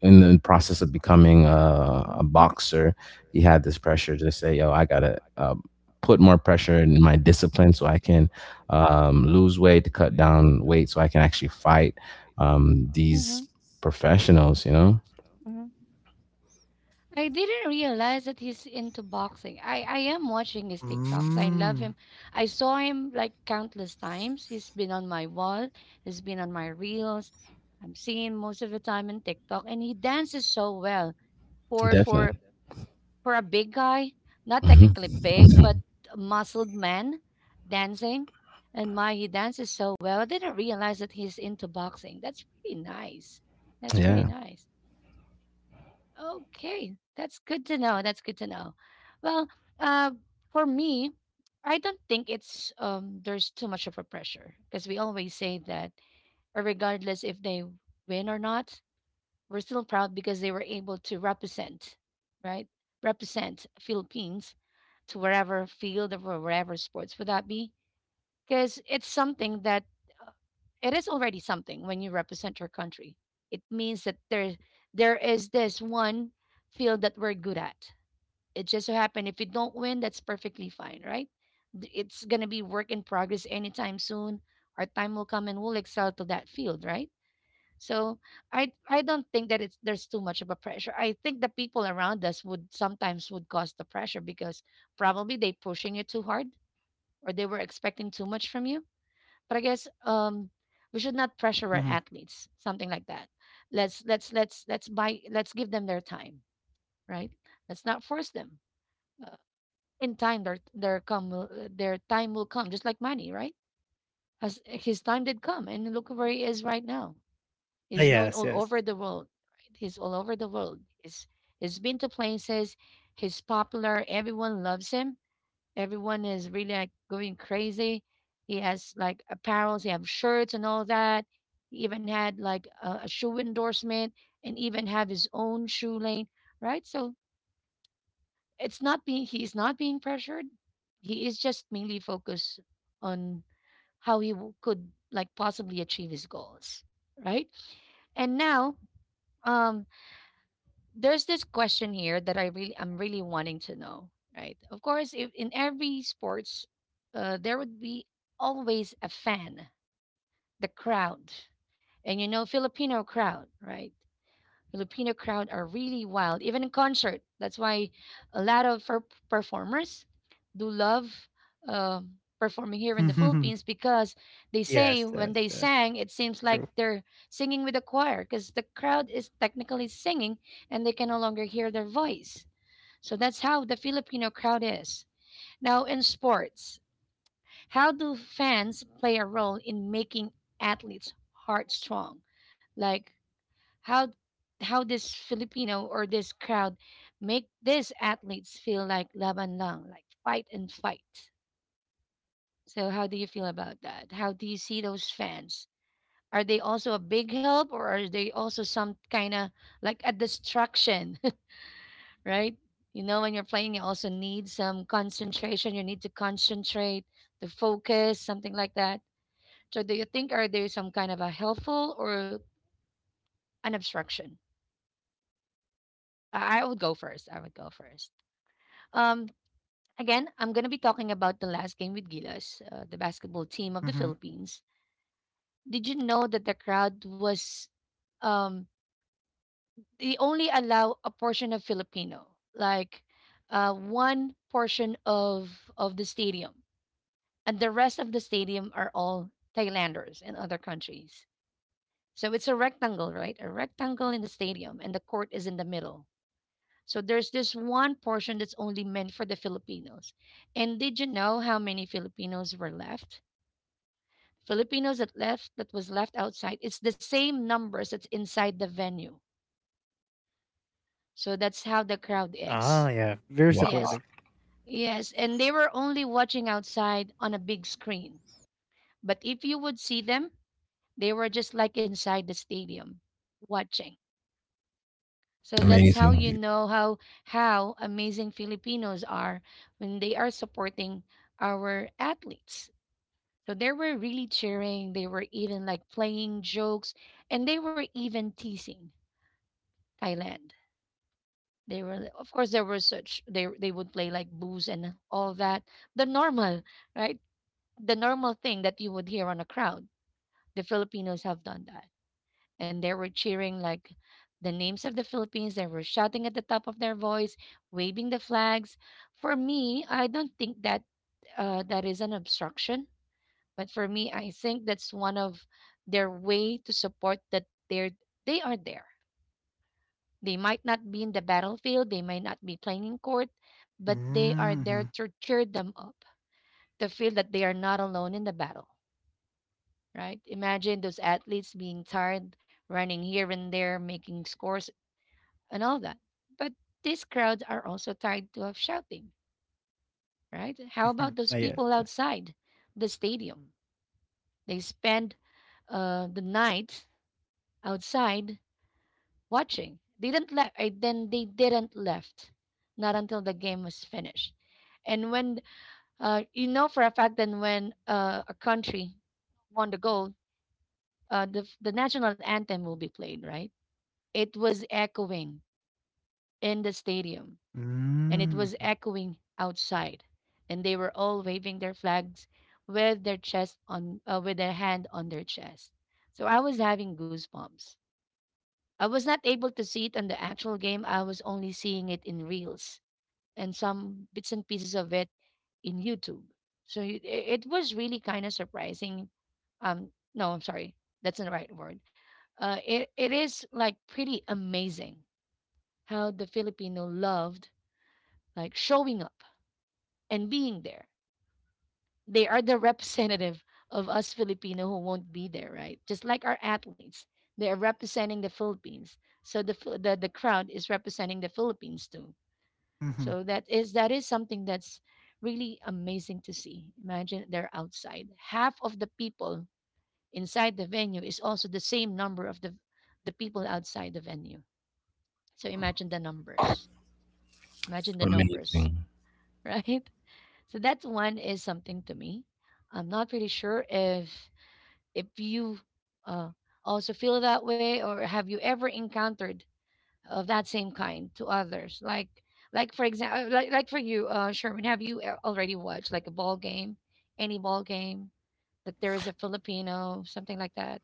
C: In the process of becoming a
A: mhm,
C: boxer, he had this pressure to say, "Yo, I gotta put more pressure in my discipline so I can lose weight, to cut down weight, so I can actually fight these
A: mhm,
C: professionals." You know,
A: mhm. I didn't realize that he's into boxing. I am watching his TikToks. I love him.
B: Mm.
A: I saw him like countless times. He's been on my wall, he's been on my reels. I'm seeing him most of the time in TikTok and he dances so well for for
C: definitely.
A: for a big guy, not
C: Hmm.
A: technically big, but
C: Hmm.
A: a muscled man dancing. And my, he dances so well. I didn't realize that he's into boxing. That's pretty nice. That's pretty
C: Yeah.
A: nice. Okay, that's good to know. That's good to know. Well, uh, for me, I don't think it's there's too much of a pressure because we always say that regardless if they win or not, we're still proud because they were able to represent, right? Represent Philippines to wherever field or wherever sports would that be because it's something that uh, it is already something when you represent your country. It means that there is this one field that we're good at. It just so happened if you don't win, that's perfectly fine, right? It's gonna be work in progress anytime soon. Our time will come and we'll excel to that field, right? So I don't think that it's there's too much of a pressure. I think the people around us would sometimes would cause the pressure because probably they pushing you too hard or they were expecting too much from you but I guess we should not pressure our
B: Mm-hmm.
A: athletes, something like that. Let's buy let's give them their time, right? Let's not force them. Uh, in time, their their time will come, just like money, right? As his time did come, and look where he is right now. He's known all
B: Yes,
A: over
B: yes.
A: the world. Right? He's all over the world. He's been to places. He's popular. Everyone loves him. Everyone is really like going crazy. He has like apparels, he have shirts and all that. He even had like a shoe endorsement and even have his own shoe lane, right? So it's not being he's not being pressured. He is just mainly focused on how he could like possibly achieve his goals, right? And now, um, there's this question here that I'm really wanting to know, right? Of course, if in every sports, there would be always a fan, the crowd, and you know Filipino crowd, right? Filipino crowd are really wild, even in concert. That's why a lot of performers do love um performing here in the Philippines because they say
B: Yes,
A: when
B: yes,
A: they
B: yes.
A: sang, it seems like
B: True.
A: they're singing with a choir because the crowd is technically singing and they can no longer hear their voice. So that's how the Filipino crowd is. Now, in sports, how do fans play a role in making athletes' heart strong? Like how how this Filipino or this crowd make these athletes feel like laban lang, like fight and fight. So how do you feel about that? How do you see those fans? Are they also a big help or are they also some kind of like a distraction, right? You know, when you're playing, you also need some concentration. You need to concentrate, to focus, something like that. So, do you think are there some kind of a helpful or an obstruction? I would go first. I would go first. Um, Again, I'm going to be talking about the last game with Gilas, the basketball team of the
B: Hmm.
A: Philippines. Did you know that the crowd was um they only allow a portion of Filipino, like one portion of the stadium, and the rest of the stadium are all Thailanders and other countries. So it's a rectangle, right? A rectangle in the stadium, and the court is in the middle. So there's this one portion that's only meant for the Filipinos. And did you know how many Filipinos were left? Filipinos that was left outside, it's the same numbers that's inside the venue. So that's how the crowd
B: Ah,
A: is.
B: yeah. Very
C: Wow.
A: Yes.
B: supportive.
A: Yes, and they were only watching outside on a big screen. But if you would see them, they were just like inside the stadium watching. So that's how
C: Amazing.
A: you know how amazing Filipinos are when they are supporting our athletes. So they were really cheering, they were even like playing jokes, and they were even teasing Thailand. They were, of course, there were such they would play like booze and all that, the normal, right? The normal thing that you would hear on a crowd. The Filipinos have done that, and they were cheering like the names of the Philippines. They were shouting at the top of their voice, waving the flags. For me, I don't think that that is an obstruction, but for me, I think that's one of their way to support that they are there. They might not be in the battlefield, they might not be playing in court, but they are there
B: Mm-hmm.
A: to cheer them up, to feel that they are not alone in the battle, right? Imagine those athletes being tired, running here and there, making scores, and all that. But these crowds are also tired to of shouting, right? How about those
B: Ah, yes,
A: people
B: yes.
A: outside the stadium? They spend the night outside watching. They didn't left. I, then They didn't left. Not until the game was finished. And when you know for a fact that when a country won the gold, the national anthem will be played, right? It was echoing in the stadium, and it was
B: Mm.
A: echoing outside, and they were all waving their flags with their chest on, with their hand on their chest. So I was having goosebumps. I was not able to see it on the actual game. I was only seeing it in reels and some bits and pieces of it in YouTube. So it was really kind of surprising. No, I'm sorry, that's not the right word. It it is like pretty amazing how the Filipino loved like showing up and being there. They are the representative of us Filipino who won't be there, right? Just like our athletes, they are representing the Philippines. So the crowd is representing the Philippines too. So
B: Mhm.
A: that is something that's really amazing to see. Imagine they're outside. Half of the people inside the venue is also the same number of the people outside the venue. So imagine the numbers. Imagine the numbers,
C: Amazing.
A: right? So that one is something to me. I'm not really sure if you uh, also feel that way or have you ever encountered of that same kind to others like for example like for you, Sherman, have you already watched like a ball game, any ball game that there is a Filipino, something like that?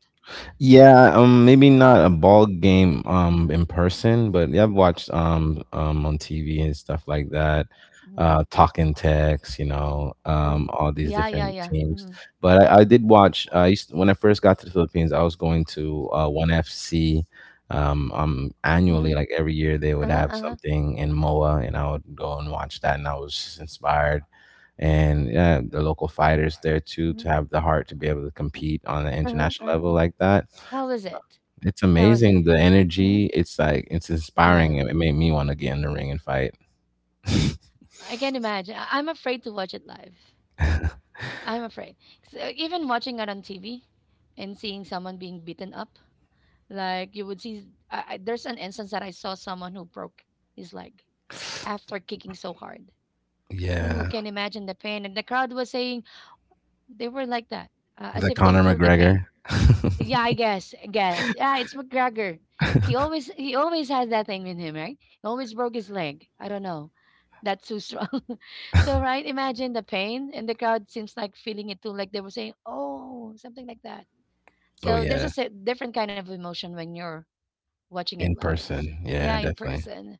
C: Yeah, maybe not a ball game,
A: Mm-hmm.
C: in person, but yeah, I've watched on TV and stuff like that.
A: Mm-hmm.
C: Talking Tex, you know, all these
A: Yeah, yeah,
C: different
A: yeah,
C: teams.
A: mm-hmm.
C: But I did watch. I used when I first got to the Philippines, I was going to One FC,
A: Mm-hmm.
C: annually. Like every year, they would
A: Uh-huh,
C: have
A: uh-huh,
C: something in MOA, and I would go and watch that, and I was just inspired. And yeah, the local fighters there too, to have the heart to be able to compete on an international
A: uh-huh.
C: level like that.
A: How was it?
C: It's
A: How was it?
C: amazing the
A: Hmm.
C: energy. It's like, it's inspiring.
A: Yeah,
C: It made me want to get in the ring and fight.
A: I can imagine. I'm afraid to watch it live. I'm afraid. So even watching it on TV and seeing someone being beaten up, like you would see, there's an instance that I saw someone who broke his leg after kicking so hard. Ooh,
C: Yeah.
A: can imagine the pain. And the crowd was saying they were like that,
C: Is
A: as
C: that
A: if they
C: Conor
A: feel the pain.
C: McGregor?
A: Yeah, I guess. I guess. Yeah, it's McGregor. He always has that thing with him, right? He always broke his leg. I don't know. That's too strong. So right, imagine the pain and the crowd seems like feeling it too, like they were saying, oh, something like that.
C: Oh
A: So there's
C: yeah.
A: just different kind of emotion when you're watching it
C: In
A: live. So,
C: person.
A: yeah,
C: Yeah,
A: in
C: definitely.
A: person.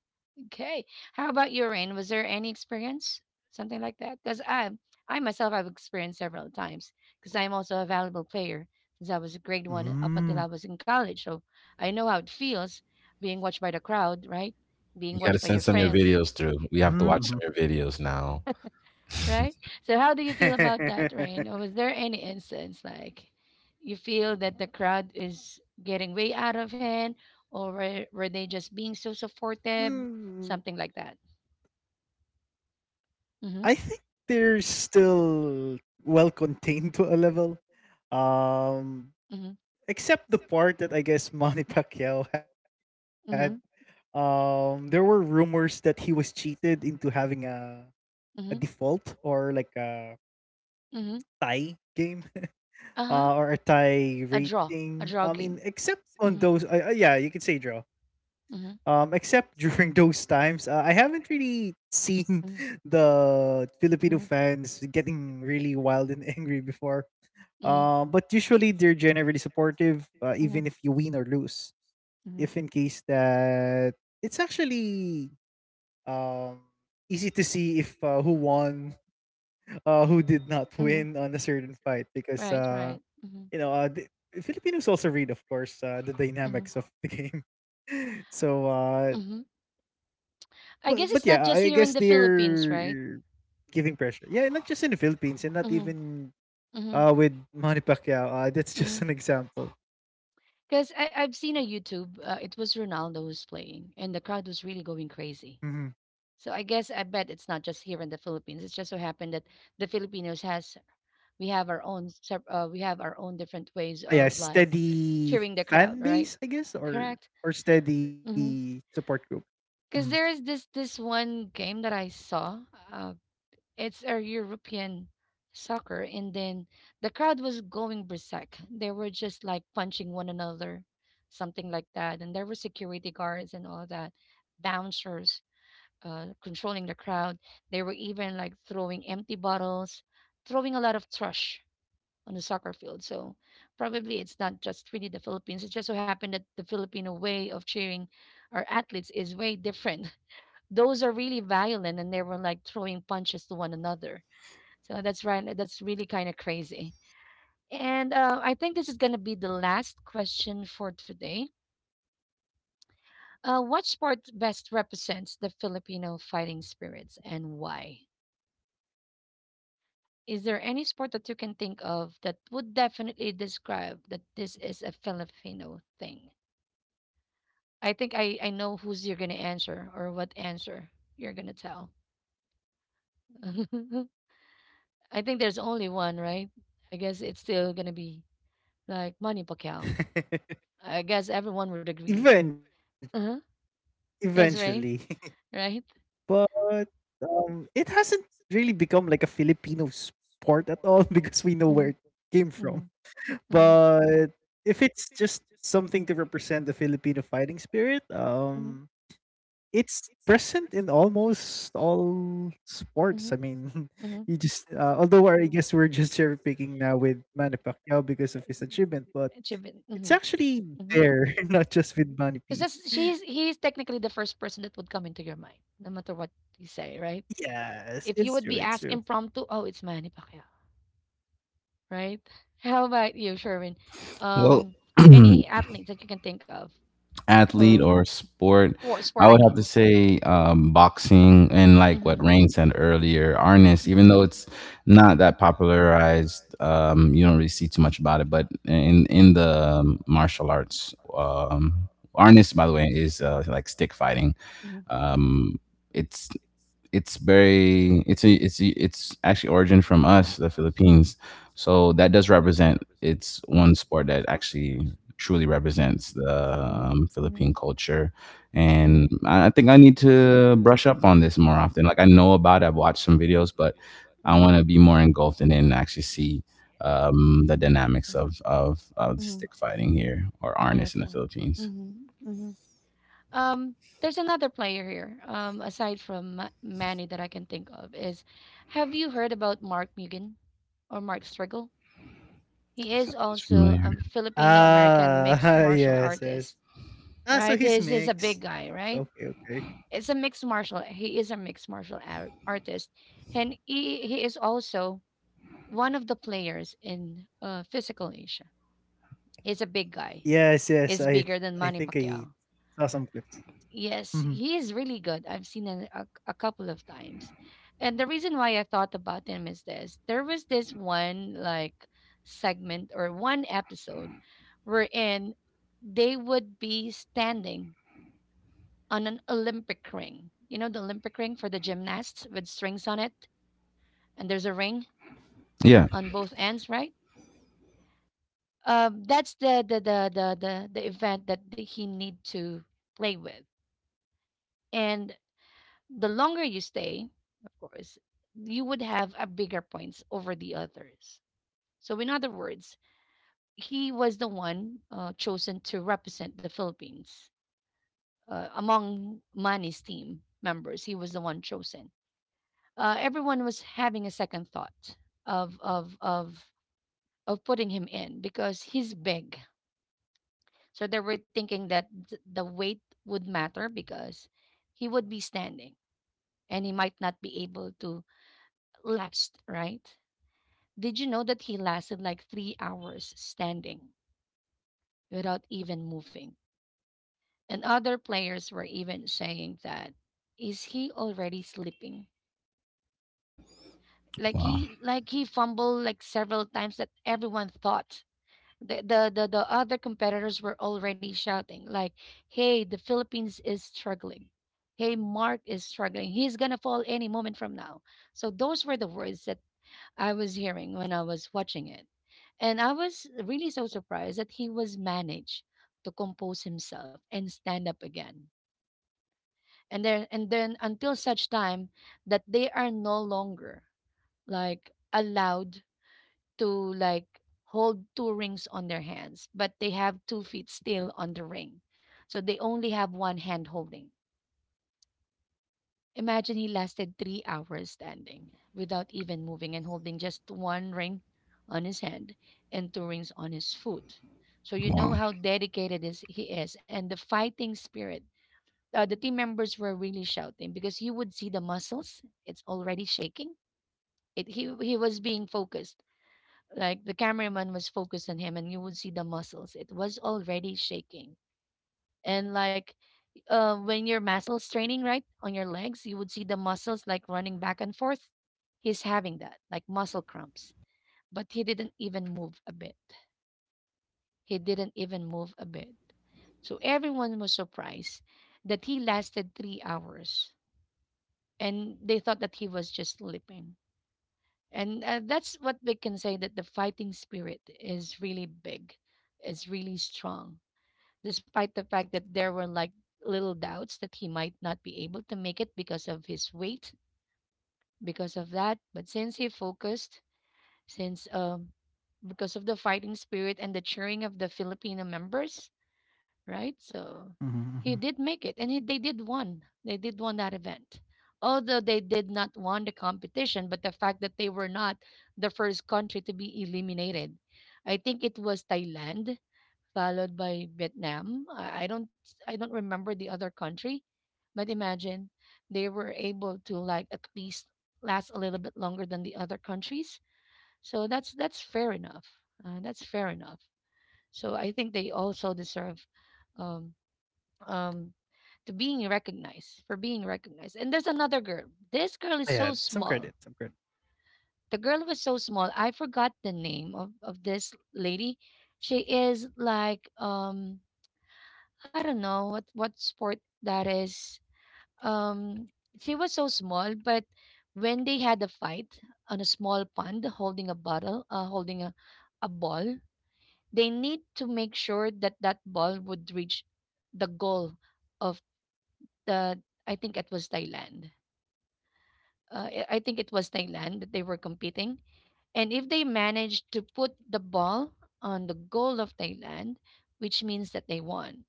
A: Okay. How about your Rain? Was there any experience, something like that? Because I myself, I've experienced several times because I'm also a valuable player since I was a grade one up until I was in
B: Mm.
A: college. So I know how it feels being watched by the crowd, right? Being
C: You gotta
A: watched by
C: send
A: your
C: some of your
A: friends,
C: videos through. We have
B: Mm-hmm.
C: to watch some of your videos now.
A: right? So how do you feel about that, Rain? Or was there any instance like you feel that the crowd is getting way out of hand, or were they just being so
B: Mm,
A: supportive,
B: mhm. Hmm,
A: something like that? Mm-hmm.
B: I think they're still well contained to a level. Um,
A: Mm-hmm.
B: except the part that I guess Manny Pacquiao had.
A: Mm-hmm.
B: There were rumors that he was cheated into having a
A: Mm-hmm.
B: default, or like a
A: Mm-hmm.
B: tie game,
A: Uh-huh.
B: or a tie
A: A draw. A
B: rating.
A: draw
B: I mean,
A: game.
B: except
A: Mm-hmm.
B: on those, yeah, you could say draw.
A: Mm-hmm.
B: Except during those times, I haven't really seen
A: Mm-hmm.
B: the Filipino fans getting really wild and angry before.
A: Mm-hmm.
B: But usually they're generally supportive, even if you win or lose.
A: Mm-hmm.
B: If in case that it's actually um easy to see if who won, who did not win on a certain fight because
A: Right. Right. Mm-hmm.
B: you know the Filipinos also read, of course, the
A: Mm-hmm.
B: dynamics of the game. so uh
A: Mm-hmm. I
B: But
A: guess
B: but
A: it's not
B: yeah,
A: just
B: I
A: here in
B: guess
A: the Philippines, right?
B: they're giving pressure. Yeah, not just in the Philippines and not
A: Mm-hmm.
B: even
A: Mm-hmm.
B: with Manny Pacquiao. That's just
A: Because
B: an example.
A: I I've seen a YouTube. It was Ronaldo who's playing, and the crowd was really going
B: Hmm.
A: crazy. So I guess I bet it's not just here in the Philippines. It's just so happened that the Filipinos has we have our own we have our own different ways
B: Yeah,
A: of like
B: steady
A: cheering the crowd,
B: fan
A: right?
B: base, I guess,
A: Correct.
B: or steady
A: Because
B: support group. Hmm.
A: there is this this one game that I saw. It's a European soccer, and then the crowd was going berserk. They were just like punching one another, something like that. And there were security guards and all that, bouncers, controlling the crowd. They were even like throwing empty bottles, throwing a lot of trash on the soccer field. So probably it's not just really the Philippines. It just so happened that the Filipino way of cheering our athletes is way different. Those are really violent, and they were like throwing punches to one another, so that's right. That's really kind of crazy. And I think this is going to be the last question for today. What sport best represents the Filipino fighting spirits and why? Is there any sport that you can think of that would definitely describe that this is a Filipino thing? I think I know who's you're going to answer or what answer you're going to tell. I think there's only one, right? I guess it's still going to be like Manny Pacquiao. I guess everyone would agree.
B: Even
A: Uh huh.
B: eventually,
A: Yes, right, right.
B: but it hasn't really become like a Filipino sport at all because we know where it came from.
A: Mhm, mhm,
B: But if it's just something to represent the Filipino fighting spirit,
A: mhm,
B: it's present in almost all sports.
A: mhm,
B: I mean,
A: mhm.
B: you just although I guess we're just cherry picking now with Manny Pacquiao because of his achievement, but
A: Achievement.
B: it's
A: Mhm,
B: actually
A: mhm.
B: there, not just with
A: Because
B: Manny P.
A: that's she's he's technically the first person that would come into your mind, no matter what you say, right?
B: Yes,
A: If
B: it's
A: you
B: true.
A: would be
B: It's
A: asked
B: true.
A: impromptu, oh, it's Manny Pacquiao, right? How about you, Sherwin?
C: well,
A: Um, any athletes that you can think of,
C: Athlete
A: or
C: or sport,
A: what sport?
C: I
A: I
C: would have to
A: mean.
C: say boxing, and like what
A: Mhm.
C: Rain said earlier, arnis. Even though it's not that popularized, you don't really see too much about it. But in the martial arts, arnis, by the way, is like stick fighting.
A: Mhm, mhm,
C: Um, it's it's very, it's actually origin from us the Philippines, so that does represent, it's one sport that actually truly represents the
A: mhm, mhm,
C: Philippine culture,
A: mhm,
C: and I think I need to brush up on this more often. Like I know about it, I've watched some videos, but I
A: mhm.
C: want to be more engulfed in it and then actually see
A: Okay.
C: the dynamics of stick fighting here or arnis in the
A: Okay.
C: Philippines.
A: Mhm, mhm. Um, there's another player here, aside from Manny that I can think of is, have you heard about Mark Mugen or Mark Striggle? He is
C: It's
A: also
C: familiar.
A: a Filipino American
B: Ah,
A: mixed martial
B: yes, yes.
A: artist,
B: Ah, so
A: right?
B: he's
A: He's a big
B: mixed.
A: guy,
B: Okay,
A: right?
B: okay.
A: It's a mixed martial. He is a mixed martial artist, and he is also one of the players in Physical Asia. He's a big guy.
B: Yes, yes.
A: He's
B: I
A: bigger than
B: I
A: Manny
B: think I
A: Pacquiao.
B: saw some clips. Mhm.
A: Yes, he is really good. I've seen him a couple of times. And the reason why I thought about him is this. There was this one like segment or one episode wherein they would be standing on an Olympic ring. You know the Olympic ring for the gymnasts with strings on it and there's a ring
C: Yeah.
A: on both ends, right? That's the event that he need to play with. And the longer you stay, of course, you would have a bigger points over the others. So, in other words, he was the one chosen to represent the Philippines among Mani's team members. He was the one chosen. Everyone was having a second thought of of of of putting him in because he's big. So they were thinking that the weight would matter because he would be standing and he might not be able to last, right? Did you know that he lasted like 3 hours standing without even moving? And other players were even saying that, is he already sleeping? Like
C: Wow.
A: he like he fumbled like several times that everyone thought. The other competitors were already shouting like, "Hey, the Philippines is struggling. Hey, Mark is struggling. He's gonna fall any moment from now." So those were the words that I was hearing when I was watching it. And I was really so surprised that he was managed to compose himself and stand up again. And then until such time that they are no longer like allowed to like hold two rings on their hands, but they have two feet still on the ring. So they only have one hand holding. Imagine he lasted 3 hours standing without even moving and holding just one ring on his hand and two rings on his foot. So you know
C: Wow.
A: how dedicated is he is and the fighting spirit. The team members were really shouting because you would see the muscles. It's already shaking. It he was being focused. Like the cameraman was focused on him and you would see the muscles. It was already shaking and like when your muscles training right on your legs you would see the muscles like running back and forth. He's having that like muscle cramps, but he didn't even move a bit. He didn't even move a bit. So everyone was surprised that he lasted 3 hours, and they thought that he was just sleeping. And that's what we can say, that the fighting spirit is really big, is really strong, despite the fact that there were like little doubts that he might not be able to make it because of his weight, because of that. But since he focused, since because of the fighting spirit and the cheering of the Filipino members, right? So he
B: Mhm,
A: did
B: mhm.
A: make it, and they did won. They did won that event, although they did not won the competition. But the fact that they were not the first country to be eliminated, I think it was Thailand, followed by Vietnam. I don't I don't remember the other country, but imagine they were able to like at least last a little bit longer than the other countries. So that's fair enough. That's fair enough. So I think they also deserve um, um to being recognized, for being recognized. And there's another girl. This girl is so
B: Ayan, some
A: small.
B: credit, some credit.
A: The girl was so small. I forgot the name of this lady. She is like I don't know what sport that is. um she was so small, but when they had a fight on a small pond holding a bottle holding a ball, they need to make sure that that ball would reach the goal of. The I think it was Thailand. I think it was Thailand that they were competing, and if they managed to put the ball on the goal of Thailand, which means that they won.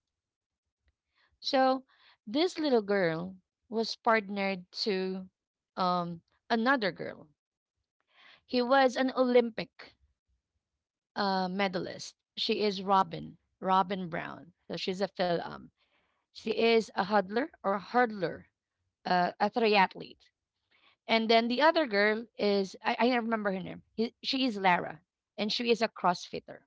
A: So this little girl was partnered to um, another girl. He was an Olympic medalist. She is Robin Brown. So she's a Phil. She is a hurdler or a hurdler, a triathlete. And then the other girl is I remember her name. She is Lara, and she is a CrossFitter.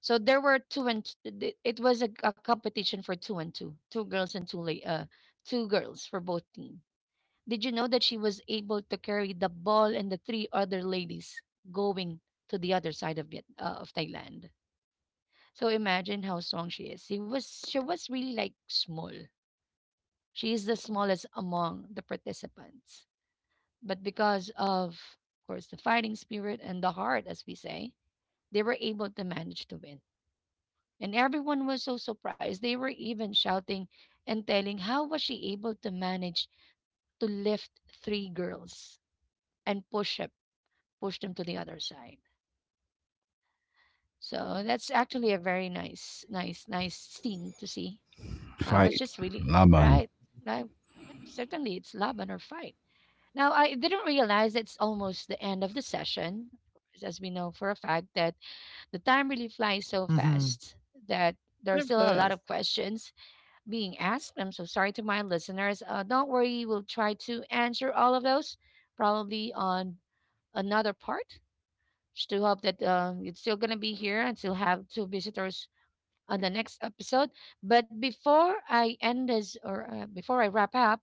A: So there were two and it was a competition for two and two, two girls and two girls for both team. Did you know that she was able to carry the ball and the three other ladies going to the other side of of Thailand? So imagine how strong she is. She was really like small. She is the smallest among the participants. But because of course, the fighting spirit and the heart, as we say, they were able to manage to win. And everyone was so surprised. They were even shouting and telling how was she able to manage to lift three girls and push up, push them to the other side. So that's actually a very nice scene to see. I was
C: Fight.
A: just really
C: Laban.
A: right.
B: Mhm,
A: Like certainly it's love and her fight. Now, I didn't realize it's almost the end of the session, of course, as we know for a fact that the time really flies so fast,
B: mhm.
A: that there are still a lot
B: Time
A: of
B: flies.
A: questions being asked. I'm so sorry to my listeners. Don't worry, we'll try to answer all of those probably on another part. Just to hope that it's still going to be here and still have two visitors on the next episode. But before I end this or before I wrap up,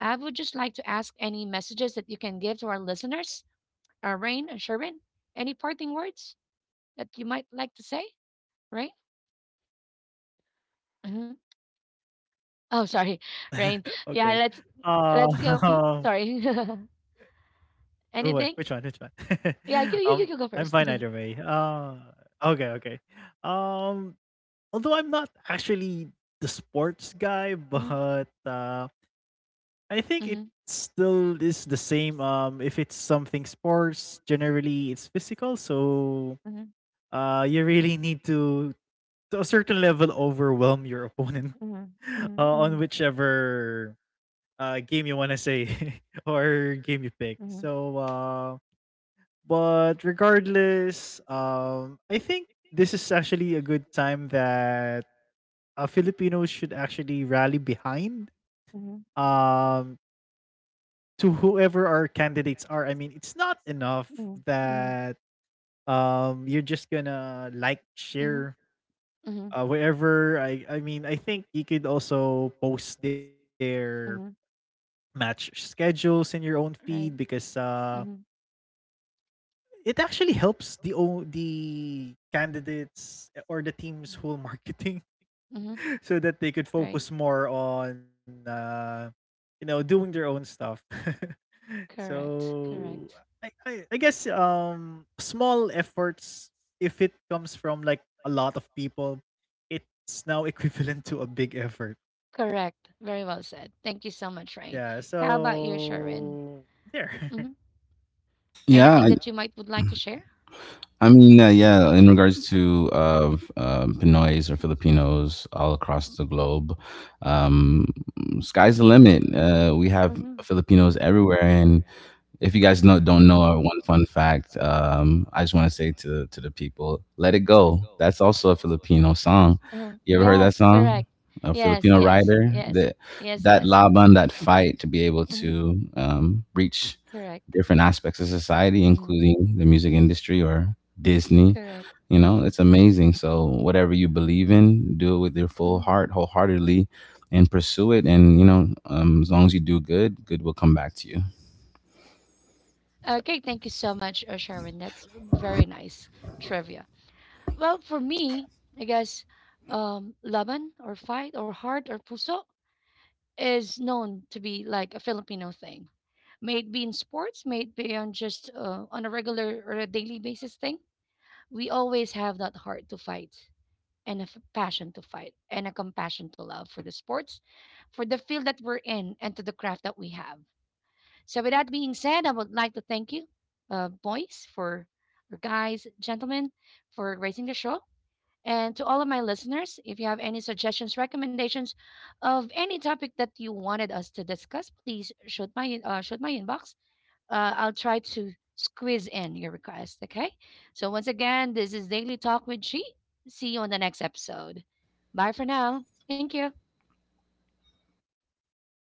A: I would just like to ask any messages that you can give to our listeners, Rain and Sherwin. Any parting words that you might like to say, Rain? hmm Oh, sorry, Rain. Yeah,
B: Okay.
A: let's go. Mhm.
B: Um,
A: Sorry.
B: who wa
A: Anything?
B: Which one, which one?
A: Yeah, you you you
B: Um,
A: you go
B: I'm
A: 1st
B: fine either way. Okay, okay. Um, Although I'm not actually the sports guy, but, I think it
A: Mhm,
B: still is the same, if it's something sports, generally it's physical, so,
A: mhm, mhm,
B: you really need to a certain level overwhelm your opponent
A: mhm,
B: on
A: mhm,
B: whichever game you want to say, or game you pick.
A: mhm,
B: But regardless, I think this is actually a good time that Filipinos should actually rally behind
A: mhm,
B: um, to whoever our candidates are. I mean, it's not enough
A: mhm, mhm,
B: that you're just gonna like, share,
A: mhm,
B: wherever I mean, I think you could also post their
A: mhm.
B: match schedules in your own feed because
A: Mhm,
B: it actually helps the candidates, eh, or the
A: mhm,
B: team's whole marketing,
A: mhm.
B: so that they could focus more on you know, doing their own stuff.
A: Correct.
B: so
A: Correct.
B: I, I I guess small efforts, if it comes from like a lot of people, it's now equivalent to a big effort.
A: Correct. Very well said.
B: Yeah,
A: Thank you so much, Rain. How about
B: so
A: you, Sharon?
B: there.
A: hmm
C: Yeah.
A: Anything might would like to share?
C: I mean, yeah, in regards to Pinoys or Filipinos all across the globe, um, sky's the limit. We have
A: hmm
C: Filipinos everywhere. And if you guys know, don't know our one fun fact, I just want to say to the people, let it go. That's also a Filipino song. You ever heard that
A: Filipino,
C: song? A
A: yes.
C: Filipino
A: Yes.
C: writer,
A: Rapper.
C: that that laban, that fight to be able
A: hmm
C: to reach different aspects of society, including the music industry or Disney.
A: Correct.
C: You know,
A: hmm
C: it's amazing. So, whatever you believe in, do it with your
A: Mhm.
C: full heart, wholeheartedly, and pursue it. And, you know, as long as you do good, good will come back to you.
A: Okay, thank you so much, Sharon. That's very nice trivia. Well, for me, I guess laban or fight or heart or puso is known to be like a Filipino thing. May it be in sports, may it be on just on a regular or a daily basis thing. We always have that heart to fight and a passion to fight and a compassion to love for the sports, for the field that we're in, and to the craft that we have. So, with that being said, I would like to thank you, boys, for or guys, gentlemen, for raising the show. And to all of my listeners, if you have any suggestions, recommendations of any topic that you wanted us to discuss, please shoot my inbox. I'll try to squeeze in your request. Okay. So once again, this is Daily Talk with She. See you on the next episode. Bye for now. Thank you.
B: Bye, guys.